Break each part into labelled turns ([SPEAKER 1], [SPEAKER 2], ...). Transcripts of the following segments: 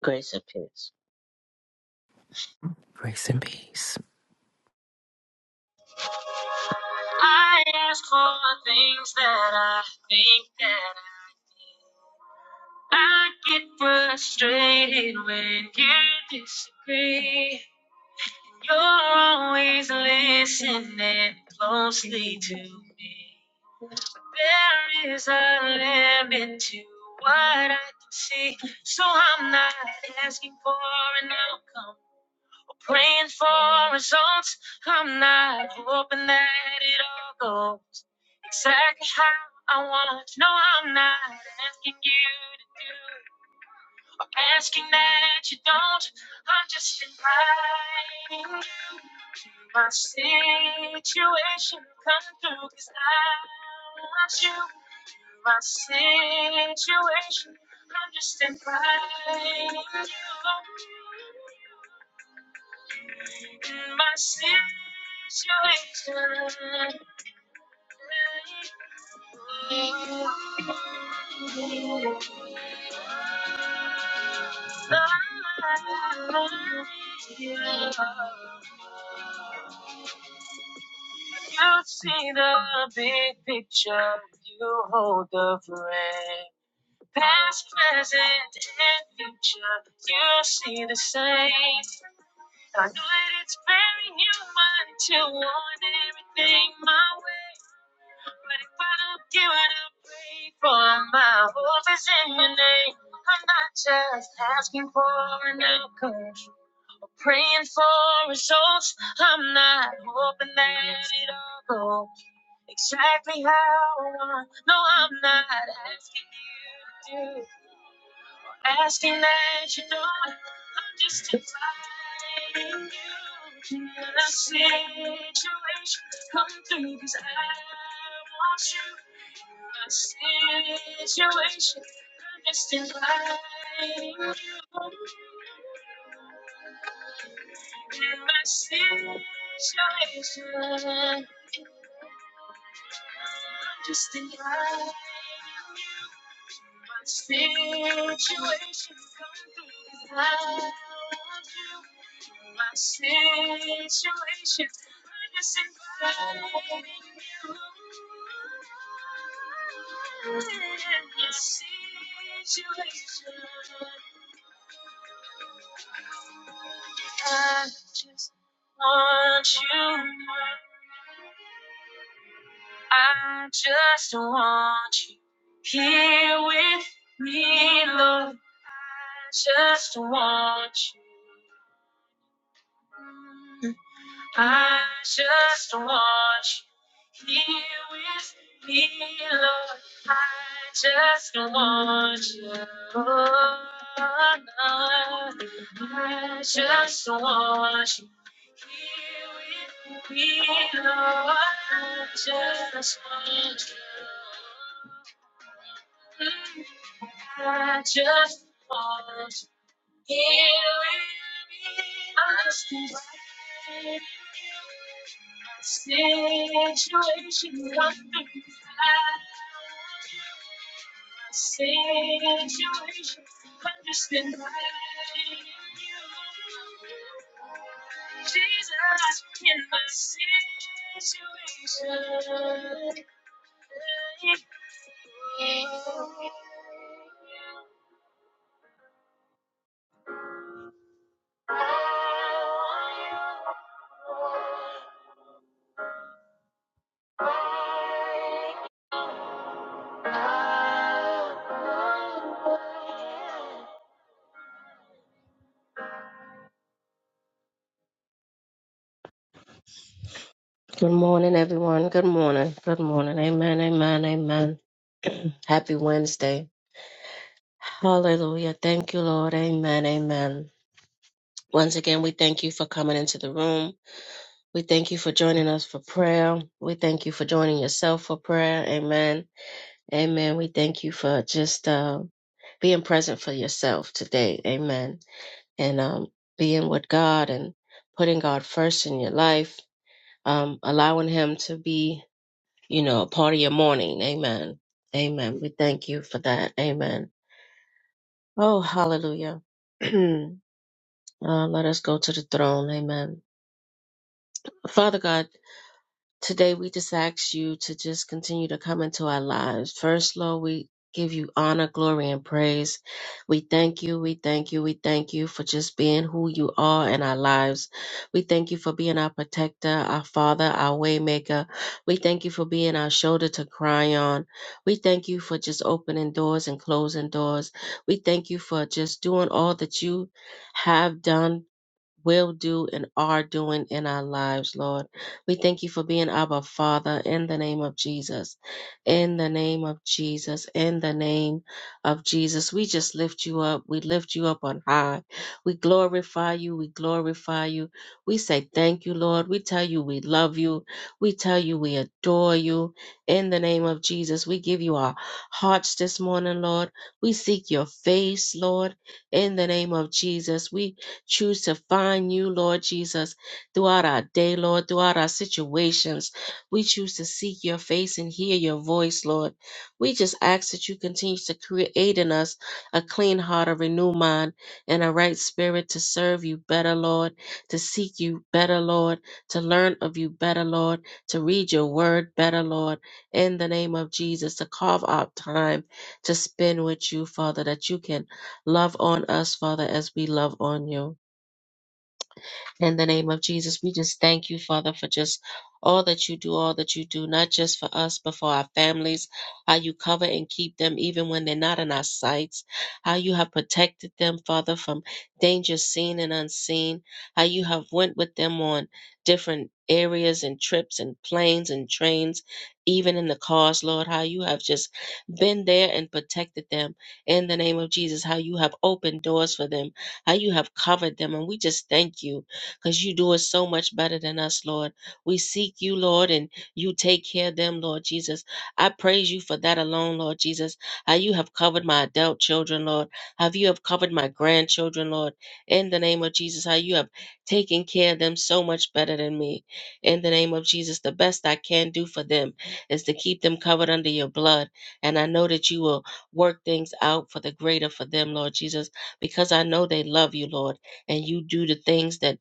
[SPEAKER 1] Grace and peace.
[SPEAKER 2] Grace and peace.
[SPEAKER 1] I ask for things that I think that I need. I get frustrated when you disagree. You're always listening closely to me. There is a limit to what I can see, so I'm not asking for an outcome. Praying for results, I'm not hoping that it all goes exactly how I want. No, I'm not asking you to do or asking that you don't. I'm just inviting you to my situation. Come through, cause I want you. My situation, I'm just inviting you in my situation. oh, You see the big picture, you hold the frame. Past, present, and future, you see the same. I know that it's very human to want everything my way. But if I don't get what I pray for, my hope is in your name. I'm not just asking for an outcome, but praying for results. I'm not hoping that it all goes exactly how I want. No, I'm not asking you to do, or asking that you do it. I'm just inviting you in a situation. Come through, cause I want you in a situation. I'm just inviting you in my situation. Just invite you. My situation come through without you. My situation. I am just inviting you. Your situation. I just want you. I just want you here with me, Lord. I just want you. I just want you. Here with me, Lord. I just want you. I just want you. Here with me, Lord. I just want you. I just want Good morning, everyone. Good morning. Good morning. Amen. Amen. Amen. Happy Wednesday. Hallelujah. Thank you, Lord. Amen. Amen. Once again, we thank you for coming into the room. We thank you for joining us for prayer. We thank you for joining yourself for prayer. Amen. Amen. We thank you for just uh, being present for yourself today. Amen. And um, being with God and putting God first in your life, um, allowing Him to be. you know, part of your morning. Amen. Amen. We thank you for that. Amen. Oh, hallelujah. uh, let us go to the throne. Amen. Father God, Today, we just ask you to just continue to come into our lives. First, Lord, we give you honor, glory, and praise. We thank you, we thank you, we thank you for just being who you are in our lives. We thank you for being our protector, our father, our waymaker. We thank you for being our shoulder to cry on. We thank you for just opening doors and closing doors. We thank you for just doing all that you have done will do and are doing in our lives, Lord. We thank you for being our Father in the name of Jesus. In the name of Jesus. In the name of Jesus. We just lift you up. We lift you up on high. We glorify you. We glorify you. We say thank you, Lord. We tell you we love you. We tell you we adore you. In the name of Jesus, we give you our hearts this morning, Lord. We seek your face, Lord. In the name of Jesus, we choose to find you, Lord Jesus, throughout our day, Lord, throughout our situations. We choose to seek your face and hear your voice, Lord. We just ask that you continue to create in us a clean heart, a renewed mind, and a right spirit to serve you better, Lord, to seek you better, Lord, to learn of you better, Lord, to read your word better, Lord, in the name of Jesus, to carve out time to spend with you, Father, that you can love on us, Father, as we love on you. In the name of Jesus, we just thank you, Father, for just all that you do, all that you do, not just for us, but for our families, how you cover and keep them even when they're not in our sights, how you have protected them, Father, from danger seen and unseen, how you have went with them on different areas and trips and planes and trains, even in the cars, Lord, how you have just been there and protected them in the name of Jesus, how you have opened doors for them, how you have covered them. And we just thank you because you do it so much better than us, Lord. We seek you, Lord, and you take care of them, Lord Jesus. I praise you for that alone, Lord Jesus. How you have covered my adult children, Lord. How you have covered my grandchildren, Lord. In the name of Jesus, how you have taken care of them so much better than me. In the name of Jesus, the best I can do for them is to keep them covered under your blood. And I know that you will work things out for the greater for them, Lord Jesus, because I know they love you, Lord, and you do the things that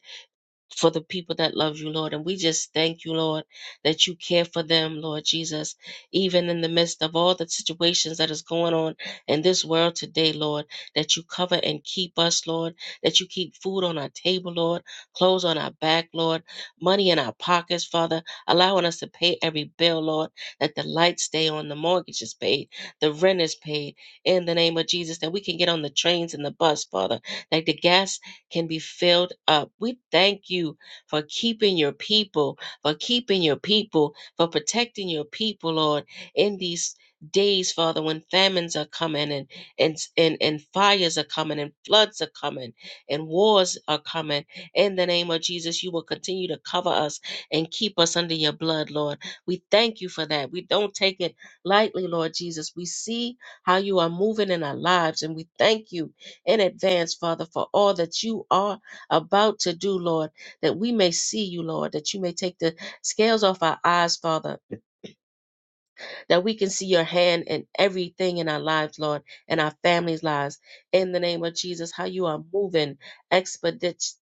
[SPEAKER 1] for the people that love you, Lord. And we just thank you, Lord, that you care for them, Lord Jesus, even in the midst of all the situations that is going on in this world today, Lord, that you cover and keep us, Lord, that you keep food on our table, Lord, clothes on our back, Lord, money in our pockets, Father, allowing us to pay every bill, Lord, that the lights stay on, the mortgage is paid, the rent is paid, in the name of Jesus, that we can get on the trains and the bus, Father, that the gas can be filled up. We thank you for keeping your people, for keeping your people, for protecting your people, Lord, in these days, Father, when famines are coming and and and, and fires are coming and floods are coming and wars are coming. In the name of Jesus, you will continue to cover us and keep us under your blood, Lord. We thank you for that. We don't take it lightly, Lord Jesus. We see how you are moving in our lives, and we thank you in advance, Father, for all that you are about to do, Lord, that we may see you, Lord, that you may take the scales off our eyes, Father that we can see your hand in everything in our lives, Lord, in our families' lives. In the name of Jesus, how you are moving expeditiously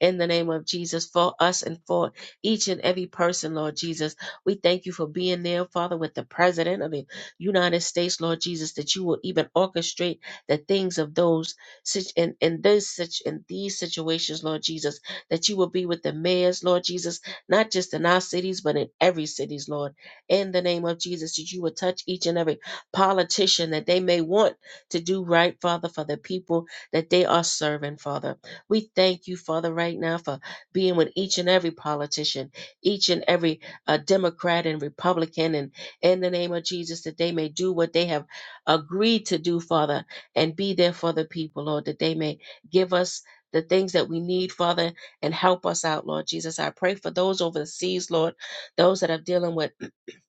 [SPEAKER 1] in the name of Jesus for us and for each and every person, Lord Jesus. We thank you for being there, Father, with the President of the United States, Lord Jesus, that you will even orchestrate the things of those such in, in this such in these situations, Lord Jesus, that you will be with the mayors, Lord Jesus, not just in our cities, but in every cities, Lord in the name of Jesus, that you would touch each and every politician that they may want to do right, Father, for the people that they are serving, Father. We thank you, Father, right now for being with each and every politician, each and every uh, Democrat and Republican, and in the name of Jesus, that they may do what they have agreed to do, Father, and be there for the people, Lord, that they may give us. The things that we need, Father, and help us out, Lord Jesus. I pray for those over the seas, Lord, those that are dealing with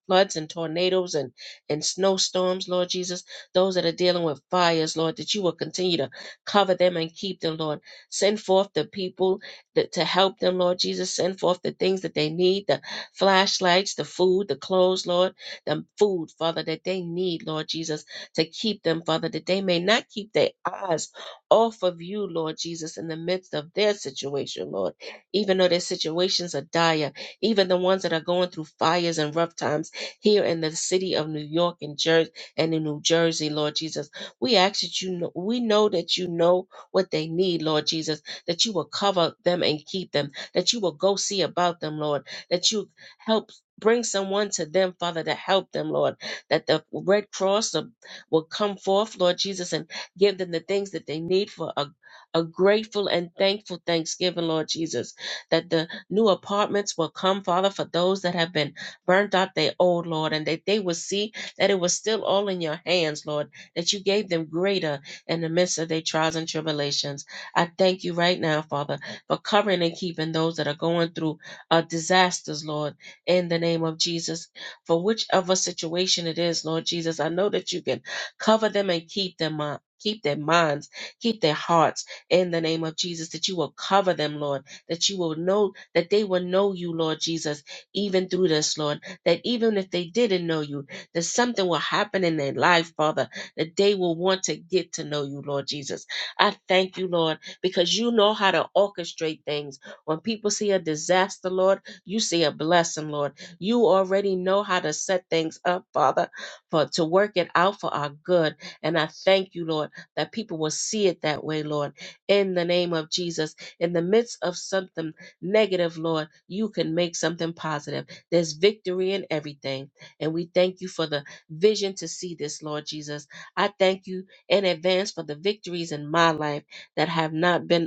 [SPEAKER 1] floods and tornadoes and, and snowstorms, Lord Jesus. Those that are dealing with fires, Lord, that you will continue to cover them and keep them, Lord. Send forth the people that, to help them, Lord Jesus. Send forth the things that they need the flashlights, the food, the clothes, Lord, the food, Father, that they need, Lord Jesus, to keep them, Father, that they may not keep their eyes off of you, Lord Jesus, in the midst of their situation, Lord. Even though their situations are dire, even the ones that are going through fires and rough times here in the city of New York and Jersey and in New Jersey, Lord Jesus. We ask that you know, we know that you know what they need, Lord Jesus, that you will cover them and keep them, that you will go see about them, Lord, that you help bring someone to them, Father, to help them, Lord, that the Red Cross uh, will come forth, Lord Jesus, and give them the things that they need for a a grateful and thankful thanksgiving, Lord Jesus, that the new apartments will come, Father, for those that have been burnt out their old, Lord, and that they would see that it was still all in your hands, Lord, that you gave them greater in the midst of their trials and tribulations. I thank you right now, Father, for covering and keeping those that are going through uh, disasters, Lord, in the name of Jesus. For whichever situation it is, Lord Jesus, I know that you can cover them and keep them up. Keep their minds, keep their hearts in the name of Jesus, that you will cover them, Lord, that you will know, that they will know you, Lord Jesus even through this, Lord, that even if they didn't know you, that something will happen in their life, Father, that they will want to get to know you, Lord Jesus. I thank you, Lord, because you know how to orchestrate things. When people see a disaster, Lord, you see a blessing, Lord. You already know how to set things up, Father, for to work it out for our good. And I thank you, Lord, that people will see it that way, Lord, in the name of Jesus. In the midst of something negative, Lord, you can make something positive. There's victory in everything. And we thank you for the vision to see this, Lord Jesus. I thank you in advance for the victories in my life that have not been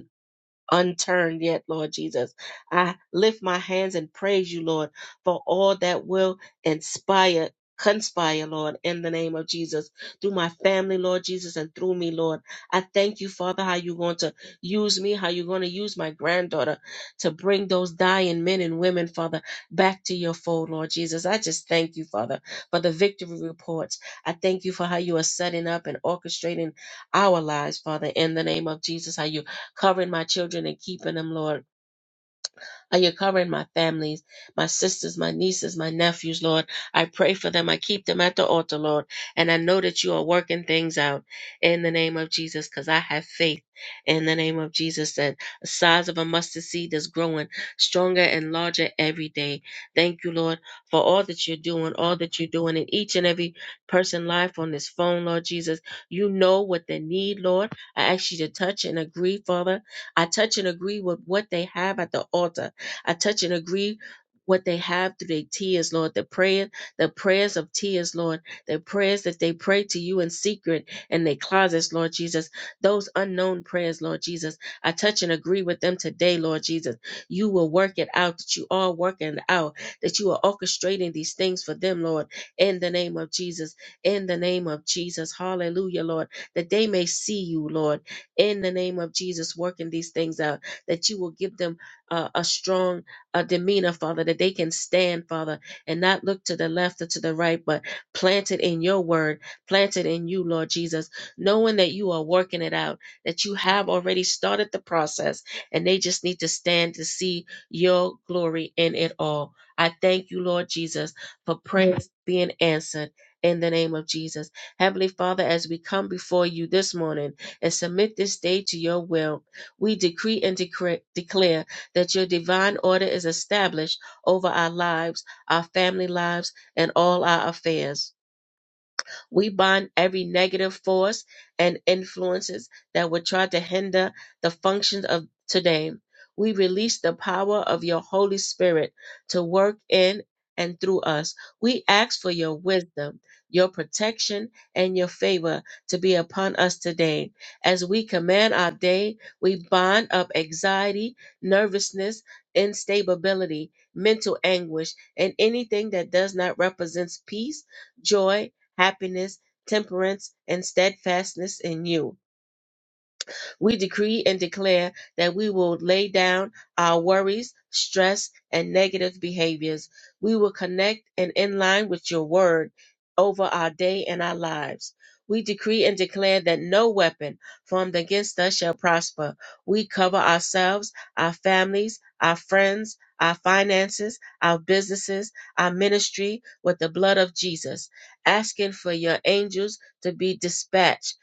[SPEAKER 1] unturned yet, Lord Jesus. I lift my hands and praise you, Lord, for all that will inspire. Conspire, Lord, in the name of Jesus, through my family, Lord Jesus, and through me, Lord. I thank you, Father, how you're going to use me, how you're going to use my granddaughter to bring those dying men and women, Father, back to your fold, Lord Jesus. I just thank you, Father, for the victory reports. I thank you for how you are setting up and orchestrating our lives, Father, in the name of Jesus, how you covering my children and keeping them, Lord. Uh, You're covering my families, my sisters, my nieces, my nephews, Lord. I pray for them. I keep them at the altar, Lord. And I know that you are working things out in the name of Jesus because I have faith in the name of Jesus that the size of a mustard seed is growing stronger and larger every day. Thank you, Lord, for all that you're doing, all that you're doing in each and every person life on this phone, Lord Jesus. You know what they need, Lord. I ask you to touch and agree, Father. I touch and agree with what they have at the altar I touch and agree what they have through their tears, Lord, the prayer, the prayers of tears, Lord, the prayers that they pray to you in secret in their closets, Lord Jesus, those unknown prayers, Lord Jesus. I touch and agree with them today, Lord Jesus. You will work it out, that you are working it out, that you are orchestrating these things for them, Lord, in the name of Jesus, in the name of Jesus. Hallelujah, Lord, that they may see you, Lord, in the name of Jesus, working these things out, that you will give them uh, a strong uh, demeanor, Father, that they can stand, Father, and not look to the left or to the right, but planted in your word, planted in you, Lord Jesus, knowing that you are working it out, that you have already started the process, and they just need to stand to see your glory in it all. I thank you, Lord Jesus, for prayers being answered. In the name of Jesus. Heavenly Father, as we come before you this morning and submit this day to your will, we decree and decre- declare that your divine order is established over our lives, our family lives, and all our affairs. We bind every negative force and influences that would try to hinder the functions of today. We release the power of your Holy Spirit to work in and through us. We ask for your wisdom, your protection, and your favor to be upon us today. As we command our day, we bind up anxiety, nervousness, instability, mental anguish, and anything that does not represent peace, joy, happiness, temperance, and steadfastness in you. We decree and declare that we will lay down our worries, stress, and negative behaviors. We will connect and in line with your word over our day and our lives. We decree and declare that no weapon formed against us shall prosper. We cover ourselves, our families, our friends, our finances, our businesses, our ministry with the blood of Jesus, asking for your angels to be dispatched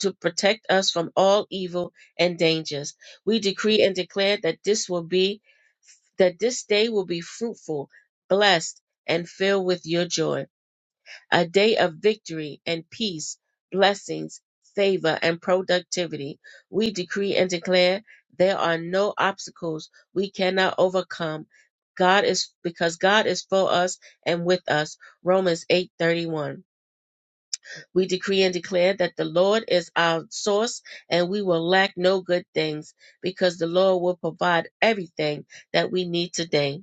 [SPEAKER 1] to protect us from all evil and dangers. We decree and declare that this will be that this day will be fruitful, blessed, and filled with your joy. A day of victory and peace, blessings, favor, and productivity. We decree and declare there are no obstacles we cannot overcome. God is because God is for us and with us. Romans 8:31. We decree and declare that the Lord is our source and we will lack no good things because the Lord will provide everything that we need today.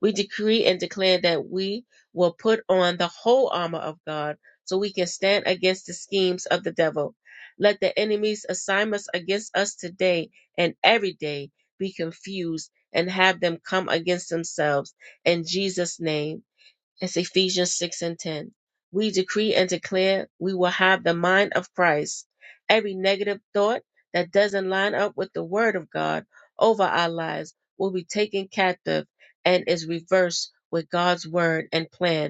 [SPEAKER 1] We decree and declare that we will put on the whole armor of God so we can stand against the schemes of the devil. Let the enemy's assignments against us today and every day be confused and have them come against themselves in Jesus' name. It's Ephesians 6 and 10. We decree and declare we will have the mind of Christ. Every negative thought that doesn't line up with the word of God over our lives will be taken captive and is reversed with God's word and plan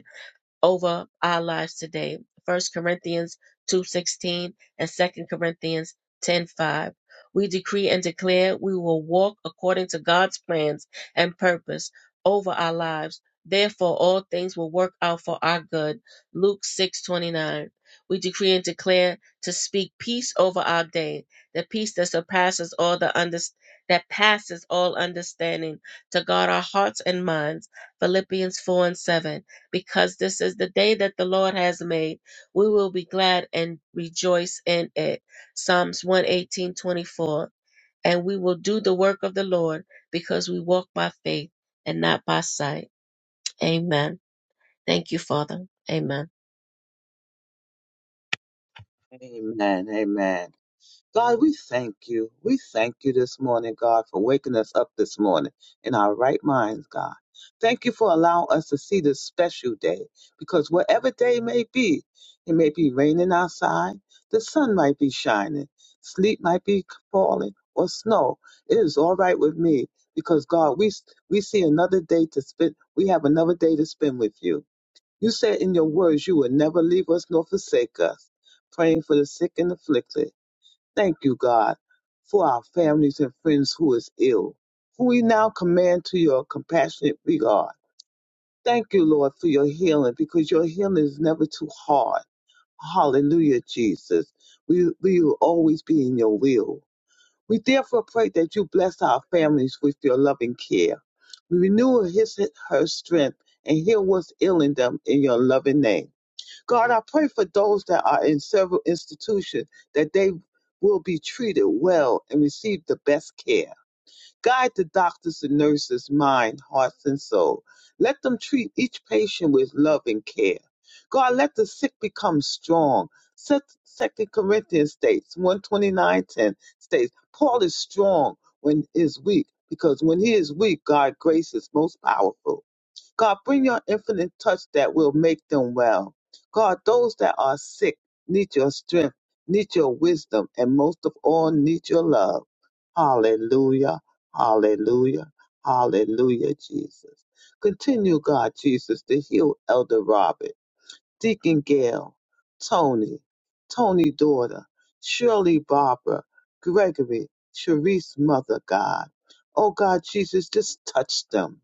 [SPEAKER 1] over our lives today. First Corinthians 2:16 and Second Corinthians 10:5. We decree and declare we will walk according to God's plans and purpose over our lives. Therefore all things will work out for our good. Luke 6:29. We decree and declare to speak peace over our day, the peace that surpasses all the under, that passes all understanding, to guard our hearts and minds. Philippians 4 and 7 because this is the day that the Lord has made. We will be glad and rejoice in it. Psalms one eighteen twenty four. And we will do the work of the Lord because we walk by faith and not by sight. Amen. Thank you, Father. Amen.
[SPEAKER 3] Amen. Amen. God, we thank you. We thank you this morning, God, for waking us up this morning in our right minds, God. Thank you for allowing us to see this special day because whatever day may be, it may be raining outside, the sun might be shining, sleep might be falling, or snow. It is all right with me because, God, we, we see another day to spend. We have another day to spend with you. You said in your words you would never leave us nor forsake us, praying for the sick and afflicted. Thank you, God, for our families and friends who is ill, who we now command to your compassionate regard. Thank you, Lord, for your healing, because your healing is never too hard. Hallelujah, Jesus. We, we will always be in your will. We therefore pray that you bless our families with your loving care. We renew his her strength and heal what's ailing them in your loving name. God, I pray for those that are in several institutions that they will be treated well and receive the best care. Guide the doctors and nurses' mind, hearts, and soul. Let them treat each patient with love and care. God, let the sick become strong. Se- Second Corinthians states, 129.10 states, Paul is strong when he is weak, because when he is weak, God's grace is most powerful. God, bring your infinite touch that will make them well. God, those that are sick need your strength, need your wisdom, and most of all, need your love. Hallelujah, hallelujah, hallelujah, Jesus. Continue, God, Jesus, to heal Elder Robert, Deacon Gail, Tony, Tony daughter, Shirley Barbara, Gregory, Sharice mother, God. Oh, God, Jesus, just touch them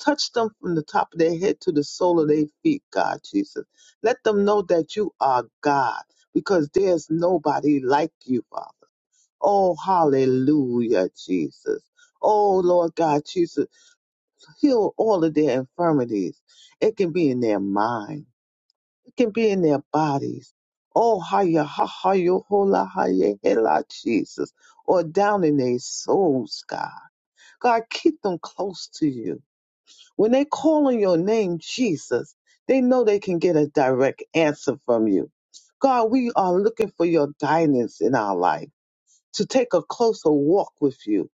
[SPEAKER 3] Touch them from the top of their head to the sole of their feet, God Jesus. Let them know that you are God because there's nobody like you, Father. Oh, hallelujah, Jesus. Oh, Lord God, Jesus, heal all of their infirmities. It can be in their mind, it can be in their bodies. Oh, hiya, ha, ha, yo, hola, hiya, hela, Jesus. Or down in their souls, God. God, keep them close to you. When they call on your name, Jesus, they know they can get a direct answer from you. God, we are looking for your guidance in our life to take a closer walk with you.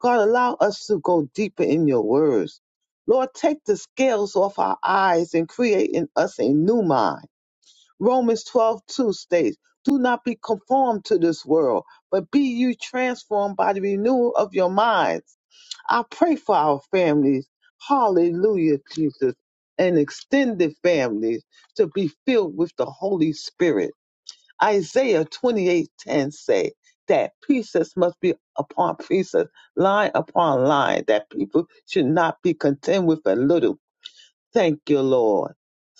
[SPEAKER 3] God, allow us to go deeper in your words. Lord, take the scales off our eyes and create in us a new mind. Romans 12:2 states, Do not be conformed to this world, but be you transformed by the renewal of your mind I pray for our families. Hallelujah, Jesus. And extended families to be filled with the Holy Spirit. Isaiah 28:10 say that pieces must be upon pieces, line upon line, that people should not be content with a little. Thank you, Lord.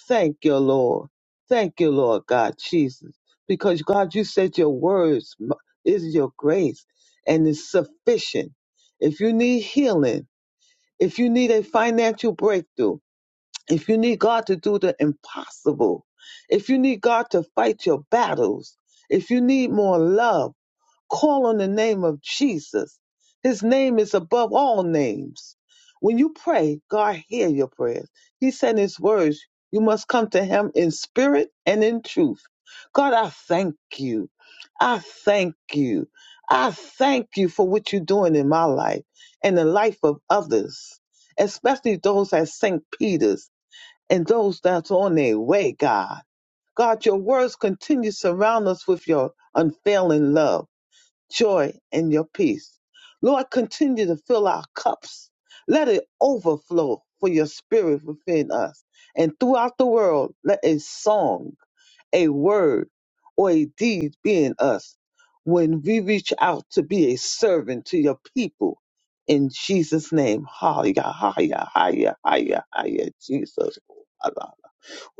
[SPEAKER 3] Thank you, Lord. Thank you, Lord God Jesus. Because God, you said your words is your grace and is sufficient. If you need healing, if you need a financial breakthrough, if you need God to do the impossible, if you need God to fight your battles, if you need more love, Call on the name of Jesus. His name is above all names. When you pray, God hear your prayers. He said in his words, you must come to him in spirit and in truth. God, I thank you. I thank you. I thank you for what you're doing in my life and the life of others, especially those at St. Peter's and those that's on their way, God. God, your words continue to surround us with your unfailing love joy and your peace. Lord, continue to fill our cups. Let it overflow for your spirit within us. And throughout the world, let a song, a word, or a deed be in us when we reach out to be a servant to your people. In Jesus' name, hallelujah, hallelujah, hallelujah, hallelujah, Jesus.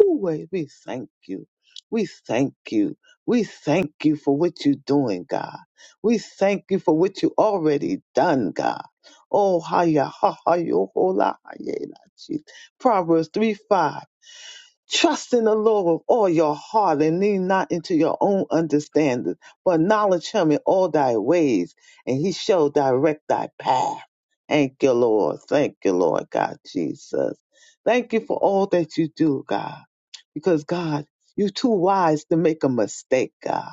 [SPEAKER 3] Always, we thank you. We thank you. We thank you for what you're doing, God. We thank you for what you already done, God. Oh, haya, ha, ha, yo, ho, la, ha, ye, la, chi. Proverbs 3 5. Trust in the Lord with all your heart and lean not into your own understanding, but acknowledge him in all thy ways, and he shall direct thy path. Thank you, Lord. Thank you, Lord God Jesus. Thank you for all that you do, God because God, you're too wise to make a mistake, God.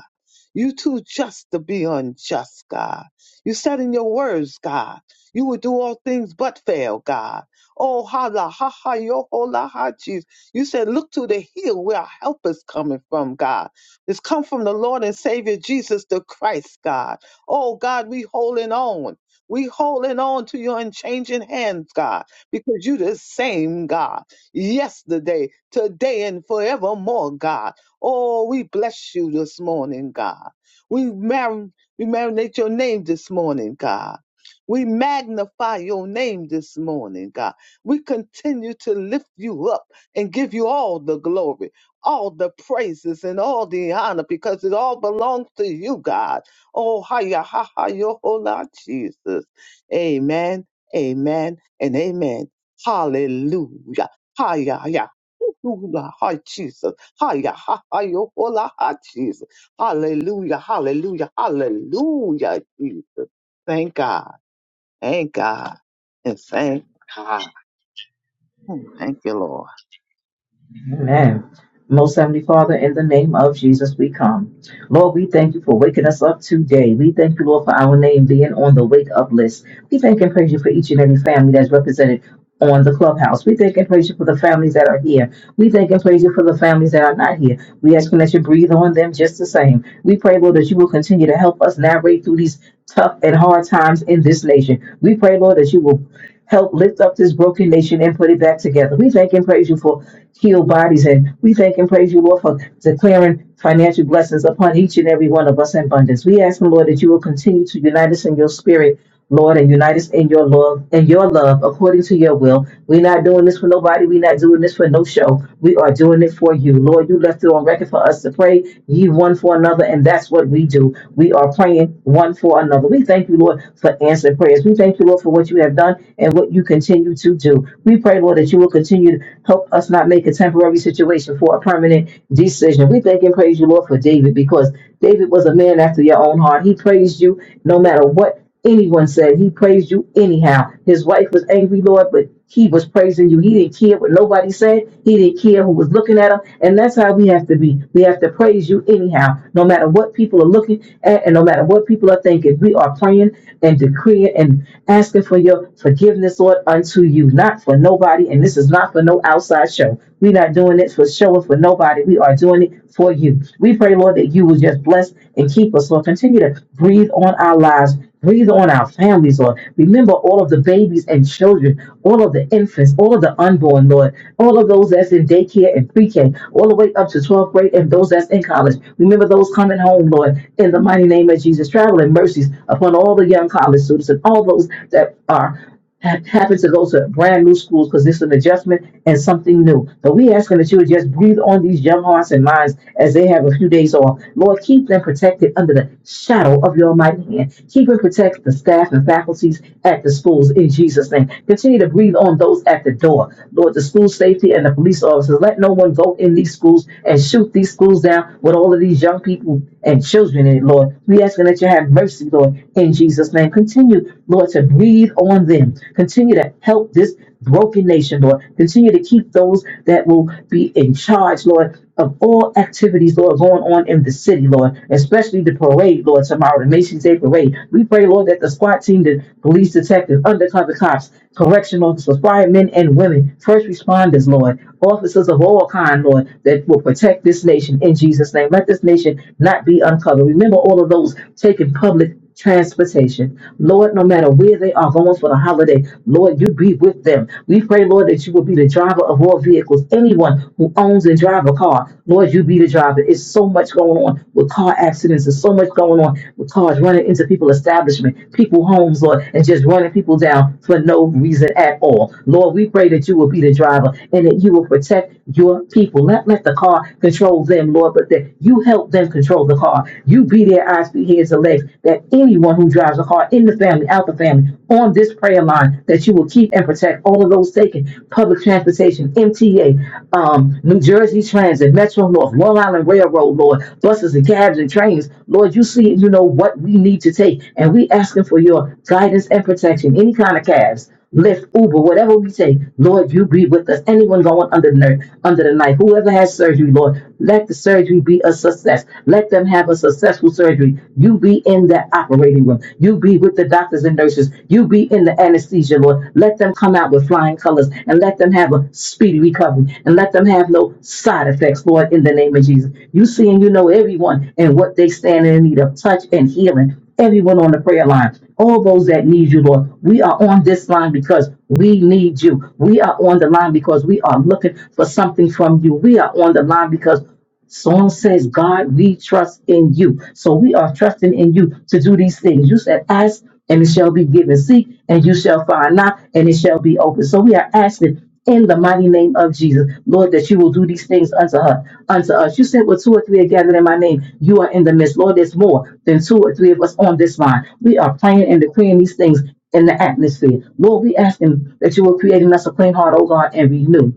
[SPEAKER 3] You too just to be unjust, God. You said in your words, God, you would do all things but fail, God. Oh, holla, ha ha, yo, holla, ha, Jesus. You said, look to the hill where our help is coming from, God. It's come from the Lord and Savior Jesus the Christ, God. Oh, God, we holding on. We holding on to your unchanging hands, God, because you the same God yesterday, today, and forevermore, God. Oh, we bless you this morning, God. We, mar- we marinate your name this morning, God. We magnify your name this morning, God. We continue to lift you up and give you all the glory, all the praises, and all the honor because it all belongs to you, God. Oh, hiya, ha, ha, yo, hola, Jesus. Amen, amen, and amen. Hallelujah. Hiya, hiya. Ooh, ooh, la, hi, Jesus. Hiya, ha, hi, hola, ha, Jesus. Hallelujah, hallelujah, hallelujah, Jesus. Thank God, thank God, and thank God. Hmm, Thank you, Lord.
[SPEAKER 4] Amen. Most Heavenly Father, in the name of Jesus, we come. Lord, we thank you for waking us up today. We thank you, Lord, for our name being on the wake up list. We thank and praise you for each and every family that's represented on the clubhouse. We thank and praise you for the families that are here. We thank and praise you for the families that are not here. We ask that you breathe on them just the same. We pray, Lord, that you will continue to help us navigate through these tough and hard times in this nation. We pray, Lord, that you will Help lift up this broken nation and put it back together. We thank and praise you for healed bodies, and we thank and praise you, Lord, for declaring financial blessings upon each and every one of us in abundance. We ask, Lord, that you will continue to unite us in your spirit Lord, and unite us in your love, in your love, according to your will. We're not doing this for nobody. We're not doing this for no show. We are doing it for you. Lord, you left it on record for us to pray ye one for another, and that's what we do. We are praying one for another. We thank you, Lord, for answering prayers. We thank you, Lord, for what you have done and what you continue to do. We pray, Lord, that you will continue to help us not make a temporary situation for a permanent decision. We thank and praise you, Lord, for David, because David was a man after your own heart. He praised you no matter what anyone said. He praised you anyhow. His wife was angry, Lord, but he was praising you. He didn't care what nobody said. He didn't care who was looking at him. And that's how we have to be. We have to praise you anyhow, no matter what people are looking at and no matter what people are thinking. We are praying and decreeing and asking for your forgiveness, Lord, unto you, not for nobody. And this is not for no outside show. We're not doing it for show or for nobody. We are doing it for you. We pray, Lord, that you will just bless and keep us, Lord. Continue to breathe on our lives Breathe on our families, Lord. Remember all of the babies and children, all of the infants, all of the unborn, Lord. All of those that's in daycare and pre K, all the way up to 12th grade and those that's in college. Remember those coming home, Lord, in the mighty name of Jesus. Traveling mercies upon all the young college students and all those that are ha- happens to those who are brand new schools because this is an adjustment and something new. So we asking that you would just breathe on these young hearts and minds as they have a few days off. Lord, keep them protected under the shadow of your mighty hand. Keep and protect the staff and faculties at the schools in Jesus' name. Continue to breathe on those at the door. Lord, the school safety and the police officers, let no one go in these schools and shoot these schools down with all of these young people and children in it, Lord. We asking that you have mercy, Lord, in Jesus' name. Continue Continue, Lord, to breathe on them. Continue to help this broken nation, Lord. Continue to keep those that will be in charge, Lord, of all activities, Lord, going on in the city, Lord, especially the parade, Lord, tomorrow, the Macy's Day Parade. We pray, Lord, that the SWAT team, the police detectives, undercover cops, correction officers, firemen and women, first responders, Lord, officers of all kind, Lord, that will protect this nation in Jesus' name. Let this nation not be uncovered. Remember all of those taking public transportation. Lord, no matter where they are going for the holiday, Lord, you be with them. We pray, Lord, that you will be the driver of all vehicles. Anyone who owns and drive a car, Lord, you be the driver. It's so much going on with car accidents. There's so much going on with cars running into people establishment, people homes, Lord, and just running people down for no reason at all. Lord, we pray that you will be the driver and that you will protect your people. Not let the car control them, Lord, but that you help them control the car. You you be their eyes, be ears, and legs. That anyone who drives a car in the family, out the family, on this prayer line, that you will keep and protect all of those taken. Public transportation, MTA, um, New Jersey Transit, Metro North, Long Island Railroad, Lord, buses and cabs and trains. Lord, you see, you know what we need to take, and we asking for your guidance and protection. Any kind of cabs. Lyft, Uber, whatever we say, Lord, you be with us. Anyone going under the ner- under the knife, whoever has surgery, Lord, let the surgery be a success. Let them have a successful surgery. You be in that operating room. You be with the doctors and nurses. You be in the anesthesia, Lord. Let them come out with flying colors and let them have a speedy recovery and let them have no side effects, Lord, in the name of Jesus. You see and you know everyone and what they stand in need of touch and healing everyone on the prayer line all those that need you, Lord. We are on this line because we need you. We are on the line because we are looking for something from you. We are on the line because Psalm says, God, we trust in you. So we are trusting in you to do these things. You said, ask and it shall be given. Seek and you shall find Knock and it shall be open. So we are asking in the mighty name of Jesus. Lord, that you will do these things unto her, unto us. You said, where two or three are gathered in my name, you are in the midst. Lord, there's more than two or three of us on this line. We are praying and decreeing these things in the atmosphere. Lord, we ask him that you will create in us a clean heart, O God, and renew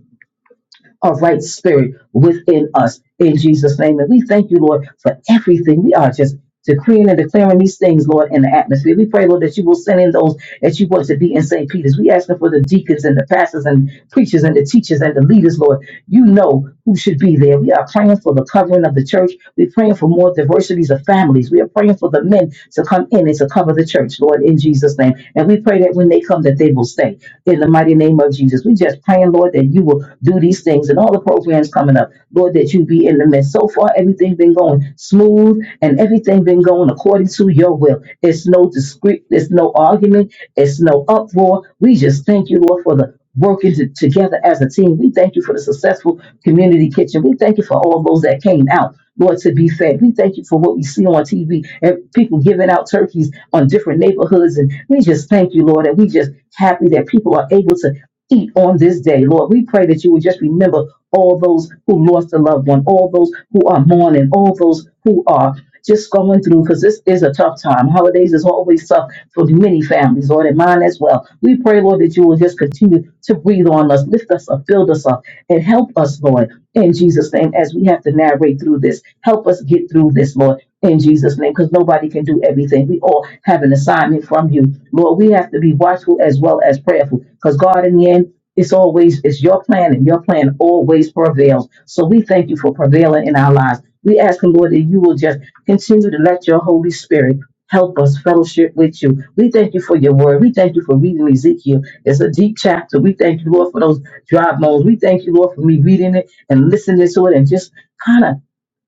[SPEAKER 4] a right spirit within us in Jesus' name. And we thank you, Lord, for everything. We are just decreeing and declaring these things, Lord, in the atmosphere. We pray, Lord, that you will send in those that you want to be in St. Peter's. We ask for the deacons and the pastors and preachers and the teachers and the leaders, Lord. You know who should be there. We are praying for the covering of the church. We're praying for more diversities of families. We are praying for the men to come in and to cover the church, Lord, in Jesus' name. And we pray that when they come, that they will stay. In the mighty name of Jesus, we just praying, Lord, that you will do these things and all the programs coming up, Lord, that you be in the midst. So far, everything been going smooth and everything been going according to your will. It's no discreet, there's no argument, it's no uproar. We just thank you, Lord, for the working to, together as a team. We thank you for the successful community kitchen. We thank you for all those that came out, Lord, to be fed. We thank you for what we see on TV and people giving out turkeys on different neighborhoods. And we just thank you, Lord, and we just happy that people are able to eat on this day. Lord, we pray that you would just remember all those who lost a loved one, all those who are mourning, all those who are just going through, because this is a tough time. Holidays is always tough for many families, Lord, and mine as well. We pray, Lord, that you will just continue to breathe on us, lift us up, build us up, and help us, Lord, in Jesus' name, as we have to navigate through this. Help us get through this, Lord in Jesus' name, because nobody can do everything. We all have an assignment from you. Lord, we have to be watchful as well as prayerful, because God, in the end, it's always it's your plan, and your plan always prevails. So we thank you for prevailing in our lives. We ask, him, Lord, that you will just continue to let your Holy Spirit help us fellowship with you. We thank you for your word. We thank you for reading Ezekiel. It's a deep chapter. We thank you, Lord, for those dry bones. We thank you, Lord, for me reading it and listening to it and just kind of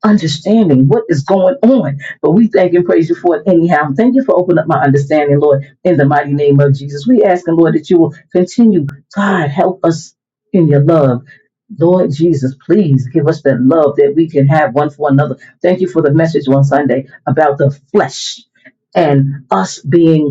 [SPEAKER 4] understanding what is going on. But we thank and praise you for it anyhow. Thank you for opening up my understanding, Lord, in the mighty name of Jesus. We ask, and Lord, that you will continue. God, help us in your love. Lord Jesus, please give us that love that we can have one for another. Thank you for the message on Sunday about the flesh and us being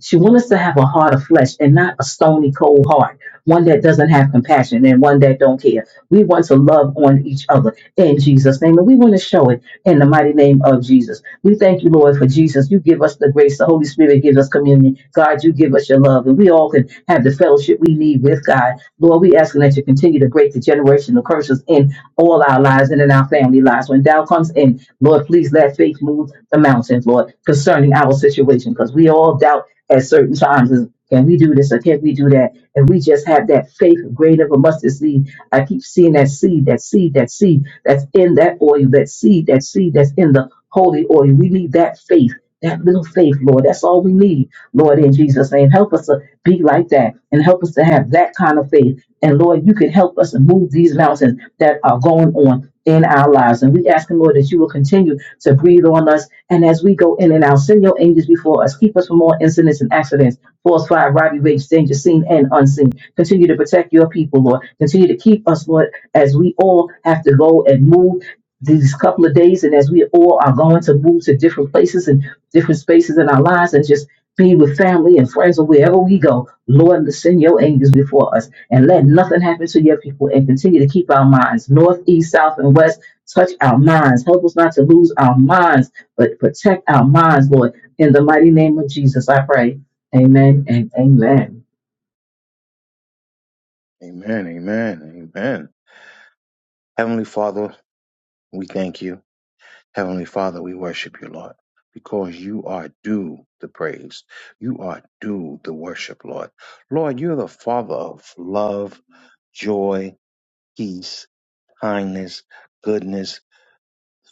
[SPEAKER 4] she wants us to have a heart of flesh and not a stony cold heart, one that doesn't have compassion and one that don't care. We want to love on each other in Jesus' name, and we want to show it in the mighty name of Jesus. We thank you, Lord, for Jesus. You give us the grace. The Holy Spirit gives us communion. God, you give us your love, and we all can have the fellowship we need with God. Lord, we asking that you continue to break the generational curses in all our lives and in our family lives. When thou comes in, Lord, please let faith move the mountains, Lord, concerning our situation, because we all doubt at certain times is can we do this or can we do that? And we just have that faith grain of a mustard seed. I keep seeing that seed, that seed, that seed that's in that oil, that seed, that seed that's in the holy oil. We need that faith, that little faith, Lord. That's all we need, Lord, in Jesus' name. Help us to be like that and help us to have that kind of faith. And Lord, you can help us move these mountains that are going on in our lives. And we ask, Him, Lord, that you will continue to breathe on us. And as we go in and out, send your angels before us. Keep us from all incidents and accidents, false fire, robbery, rage, danger, seen and unseen. Continue to protect your people, Lord. Continue to keep us, Lord, as we all have to go and move these couple of days and as we all are going to move to different places and different spaces in our lives and just be with family and friends or wherever we go, Lord, send your angels before us and let nothing happen to your people and continue to keep our minds north, east, south, and west Touch our minds. Help us not to lose our minds, but protect our minds, Lord. In the mighty name of Jesus, I pray. Amen and amen.
[SPEAKER 5] Amen, amen, amen. Heavenly Father, we thank you. Heavenly Father, we worship you, Lord, because you are due the praise. You are due the worship, Lord. Lord, you're the Father of love, joy, peace, kindness, goodness.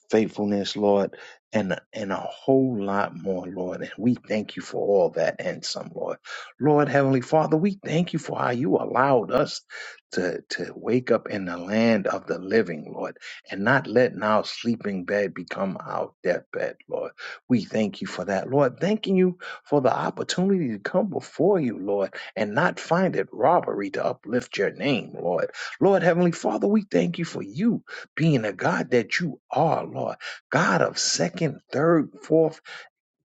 [SPEAKER 5] faithfulness, Lord, and and a whole lot more, Lord. And we thank you for all that and some, Lord. Lord, Heavenly Father, we thank you for how you allowed us to to wake up in the land of the living, Lord, and not letting our sleeping bed become our deathbed, Lord. We thank you for that, Lord. Thanking you for the opportunity to come before you, Lord, and not find it robbery to uplift your name, Lord. Lord, Heavenly Father, we thank you for you being, a God that you are, Lord. God of second, third, fourth,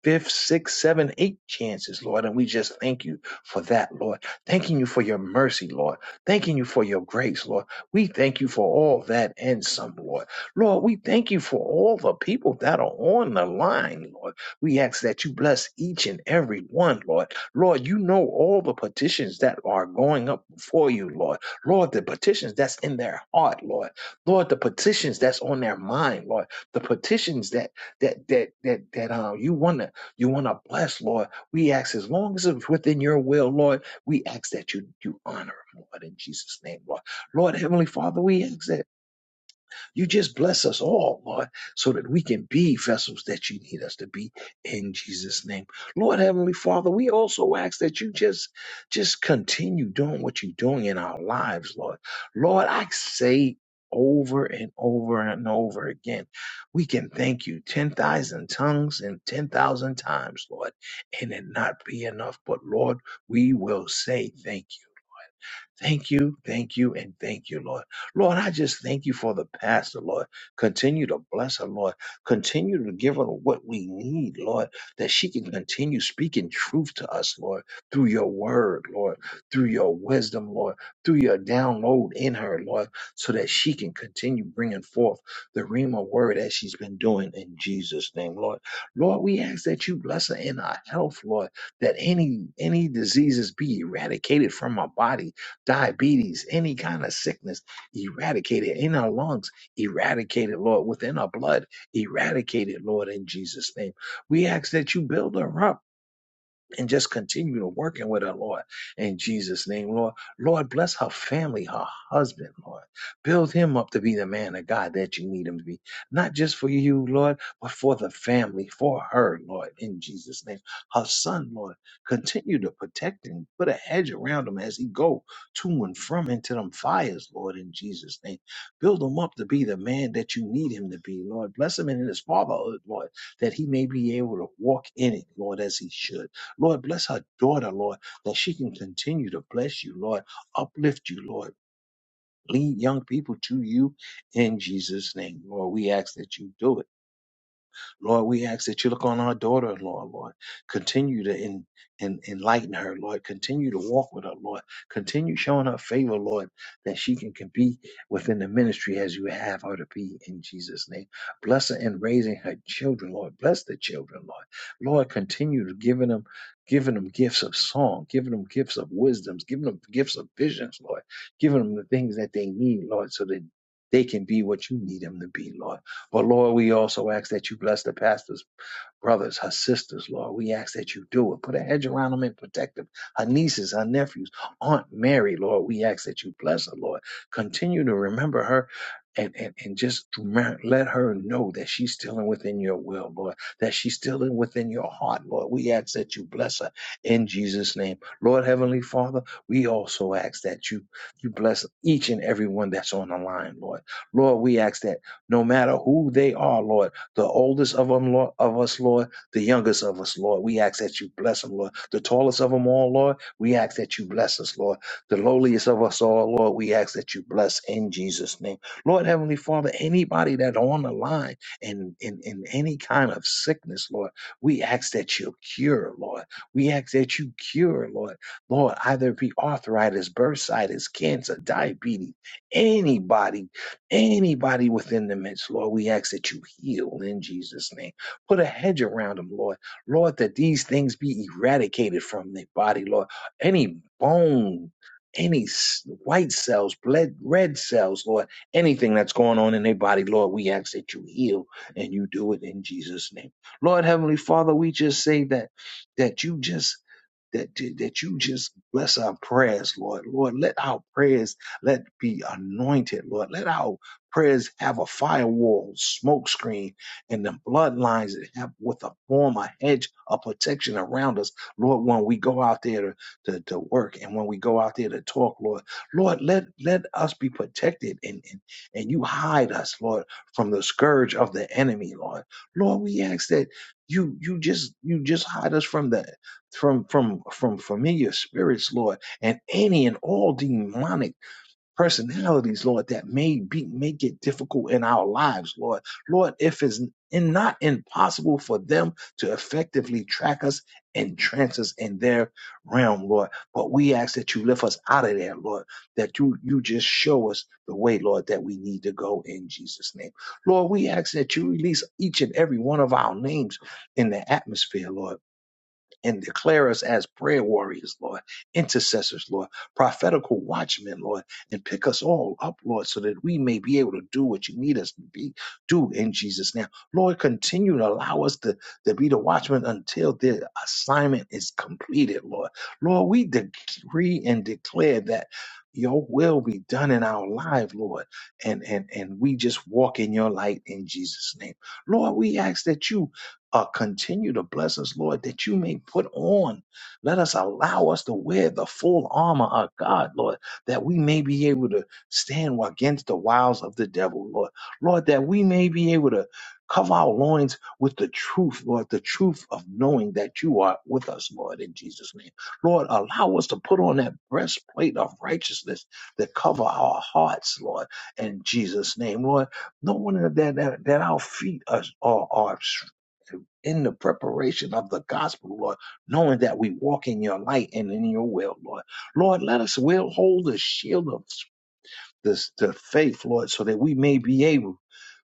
[SPEAKER 5] fifth, sixth, seven, eight chances, Lord. And we just thank you for that, Lord. Thanking you for your mercy, Lord. Thanking you for your grace, Lord. We thank you for all that and some, Lord. Lord, we thank you for all the people that are on the line, Lord. We ask that you bless each and every one, Lord. Lord, you know all the petitions that are going up before you, Lord. Lord, the petitions that's in their heart, Lord. Lord, the petitions that's on their mind, Lord. The petitions that that that that that um you want to you want to bless, Lord. We ask as long as it's within your will, Lord, we ask that you, you honor him, Lord, in Jesus' name, Lord. Lord, Heavenly Father, we ask that. You just bless us all, Lord, so that we can be vessels that you need us to be in Jesus' name. Lord Heavenly Father, we also ask that you just just continue doing what you're doing in our lives, Lord. Lord, I say over and over and over again, we can thank you 10,000 tongues and 10,000 times, Lord, and it not be enough. But Lord, we will say thank you. Thank you, thank you, and thank you, Lord. Lord, I just thank you for the pastor, Lord. Continue to bless her, Lord. Continue to give her what we need, Lord, that she can continue speaking truth to us, Lord, through your word, Lord, through your wisdom, Lord, through your download in her, Lord, so that she can continue bringing forth the Rima word as she's been doing in Jesus' name, Lord. Lord, we ask that you bless her in our health, Lord, that any any diseases be eradicated from our body diabetes, any kind of sickness, eradicate it in our lungs, eradicate it, Lord, within our blood, eradicate it, Lord, in Jesus' name. We ask that you build her up and just continue to working with her, Lord, in Jesus' name, Lord. Lord, bless her family, her husband, Lord. Build him up to be the man of God that you need him to be. Not just for you, Lord, but for the family, for her, Lord, in Jesus' name. Her son, Lord, continue to protect him. Put a hedge around him as he go to and from into them fires, Lord, in Jesus' name. Build him up to be the man that you need him to be, Lord. Bless him in his fatherhood, Lord, that he may be able to walk in it, Lord, as he should. Lord, bless her daughter, Lord, that she can continue to bless you, Lord, uplift you, Lord, lead young people to you in Jesus' name, Lord. We ask that you do it. Lord, we ask that you look on our daughter, Lord, Lord. Continue to en- en- enlighten her, Lord. Continue to walk with her, Lord. Continue showing her favor, Lord, that she can, can be within the ministry as you have her to be in Jesus' name. Bless her in raising her children, Lord. Bless the children, Lord. Lord, continue to giving them, giving them gifts of song, giving them gifts of wisdoms, giving them gifts of visions, Lord. Giving them the things that they need, Lord, so that they can be what you need them to be, Lord. But Lord, we also ask that you bless the pastors brothers, her sisters, Lord. We ask that you do it. Put a hedge around them and protect them. Her nieces, her nephews, Aunt Mary, Lord. We ask that you bless her, Lord. Continue to remember her. And, and, and just remem- let her know that she's still in within your will, Lord, that she's still in within your heart, Lord. We ask that you bless her in Jesus' name. Lord Heavenly Father, we also ask that you you bless each and every one that's on the line, Lord. Lord, we ask that no matter who they are, Lord the oldest of them, Lord, of us, Lord, the youngest of us, Lord. We ask that you bless them, Lord. The tallest of them all, Lord, we ask that you bless us, Lord. The lowliest of us all, Lord, we ask that you bless in Jesus' name. Lord Heavenly Father, anybody that on the line in, in, in any kind of sickness, Lord, we ask that you cure, Lord. We ask that you cure, Lord. Lord, either it be arthritis, bursitis, cancer, diabetes, anybody Anybody within the midst, Lord, we ask that you heal in Jesus' name. Put a hedge around them, Lord. Lord, that these things be eradicated from their body, Lord. Any bone, any s- white cells, blood, red cells, Lord, anything that's going on in their body, Lord, we ask that you heal and you do it in Jesus' name. Lord, Heavenly Father, we just say that that you just that that you just bless our prayers, Lord. Lord, let our prayers let be anointed, Lord. Let our Prayers have a firewall, smoke screen, and the bloodlines that have with a form, a hedge, a protection around us. Lord, when we go out there to, to, to work and when we go out there to talk, Lord, Lord, let, let us be protected and, and, and you hide us, Lord, from the scourge of the enemy, Lord. Lord, we ask that you you just you just hide us from the from from from familiar spirits, Lord, and any and all demonic personalities, Lord, that may be make it difficult in our lives, Lord. Lord, if it's in, not impossible for them to effectively track us and trance us in their realm, Lord. But we ask that you lift us out of there, Lord, that you you just show us the way, Lord, that we need to go in Jesus' name. Lord, we ask that you release each and every one of our names in the atmosphere, Lord and declare us as prayer warriors, Lord, intercessors, Lord, prophetical watchmen, Lord, and pick us all up, Lord, so that we may be able to do what you need us to be do in Jesus' name. Lord, continue to allow us to, to be the watchmen until the assignment is completed, Lord. Lord, we decree and declare that your will be done in our life, Lord. And and and we just walk in your light in Jesus' name. Lord, we ask that you uh, continue to bless us, Lord, that you may put on. Let us allow us to wear the full armor of God, Lord, that we may be able to stand against the wiles of the devil, Lord. Lord, that we may be able to cover our loins with the truth, Lord, the truth of knowing that you are with us, Lord, in Jesus' name. Lord, allow us to put on that breastplate of righteousness that cover our hearts, Lord, in Jesus' name. Lord, no one that, that, that our feet are, are, are in the preparation of the gospel, Lord, knowing that we walk in your light and in your will, Lord. Lord, let us will hold the shield of this to faith, Lord, so that we may be able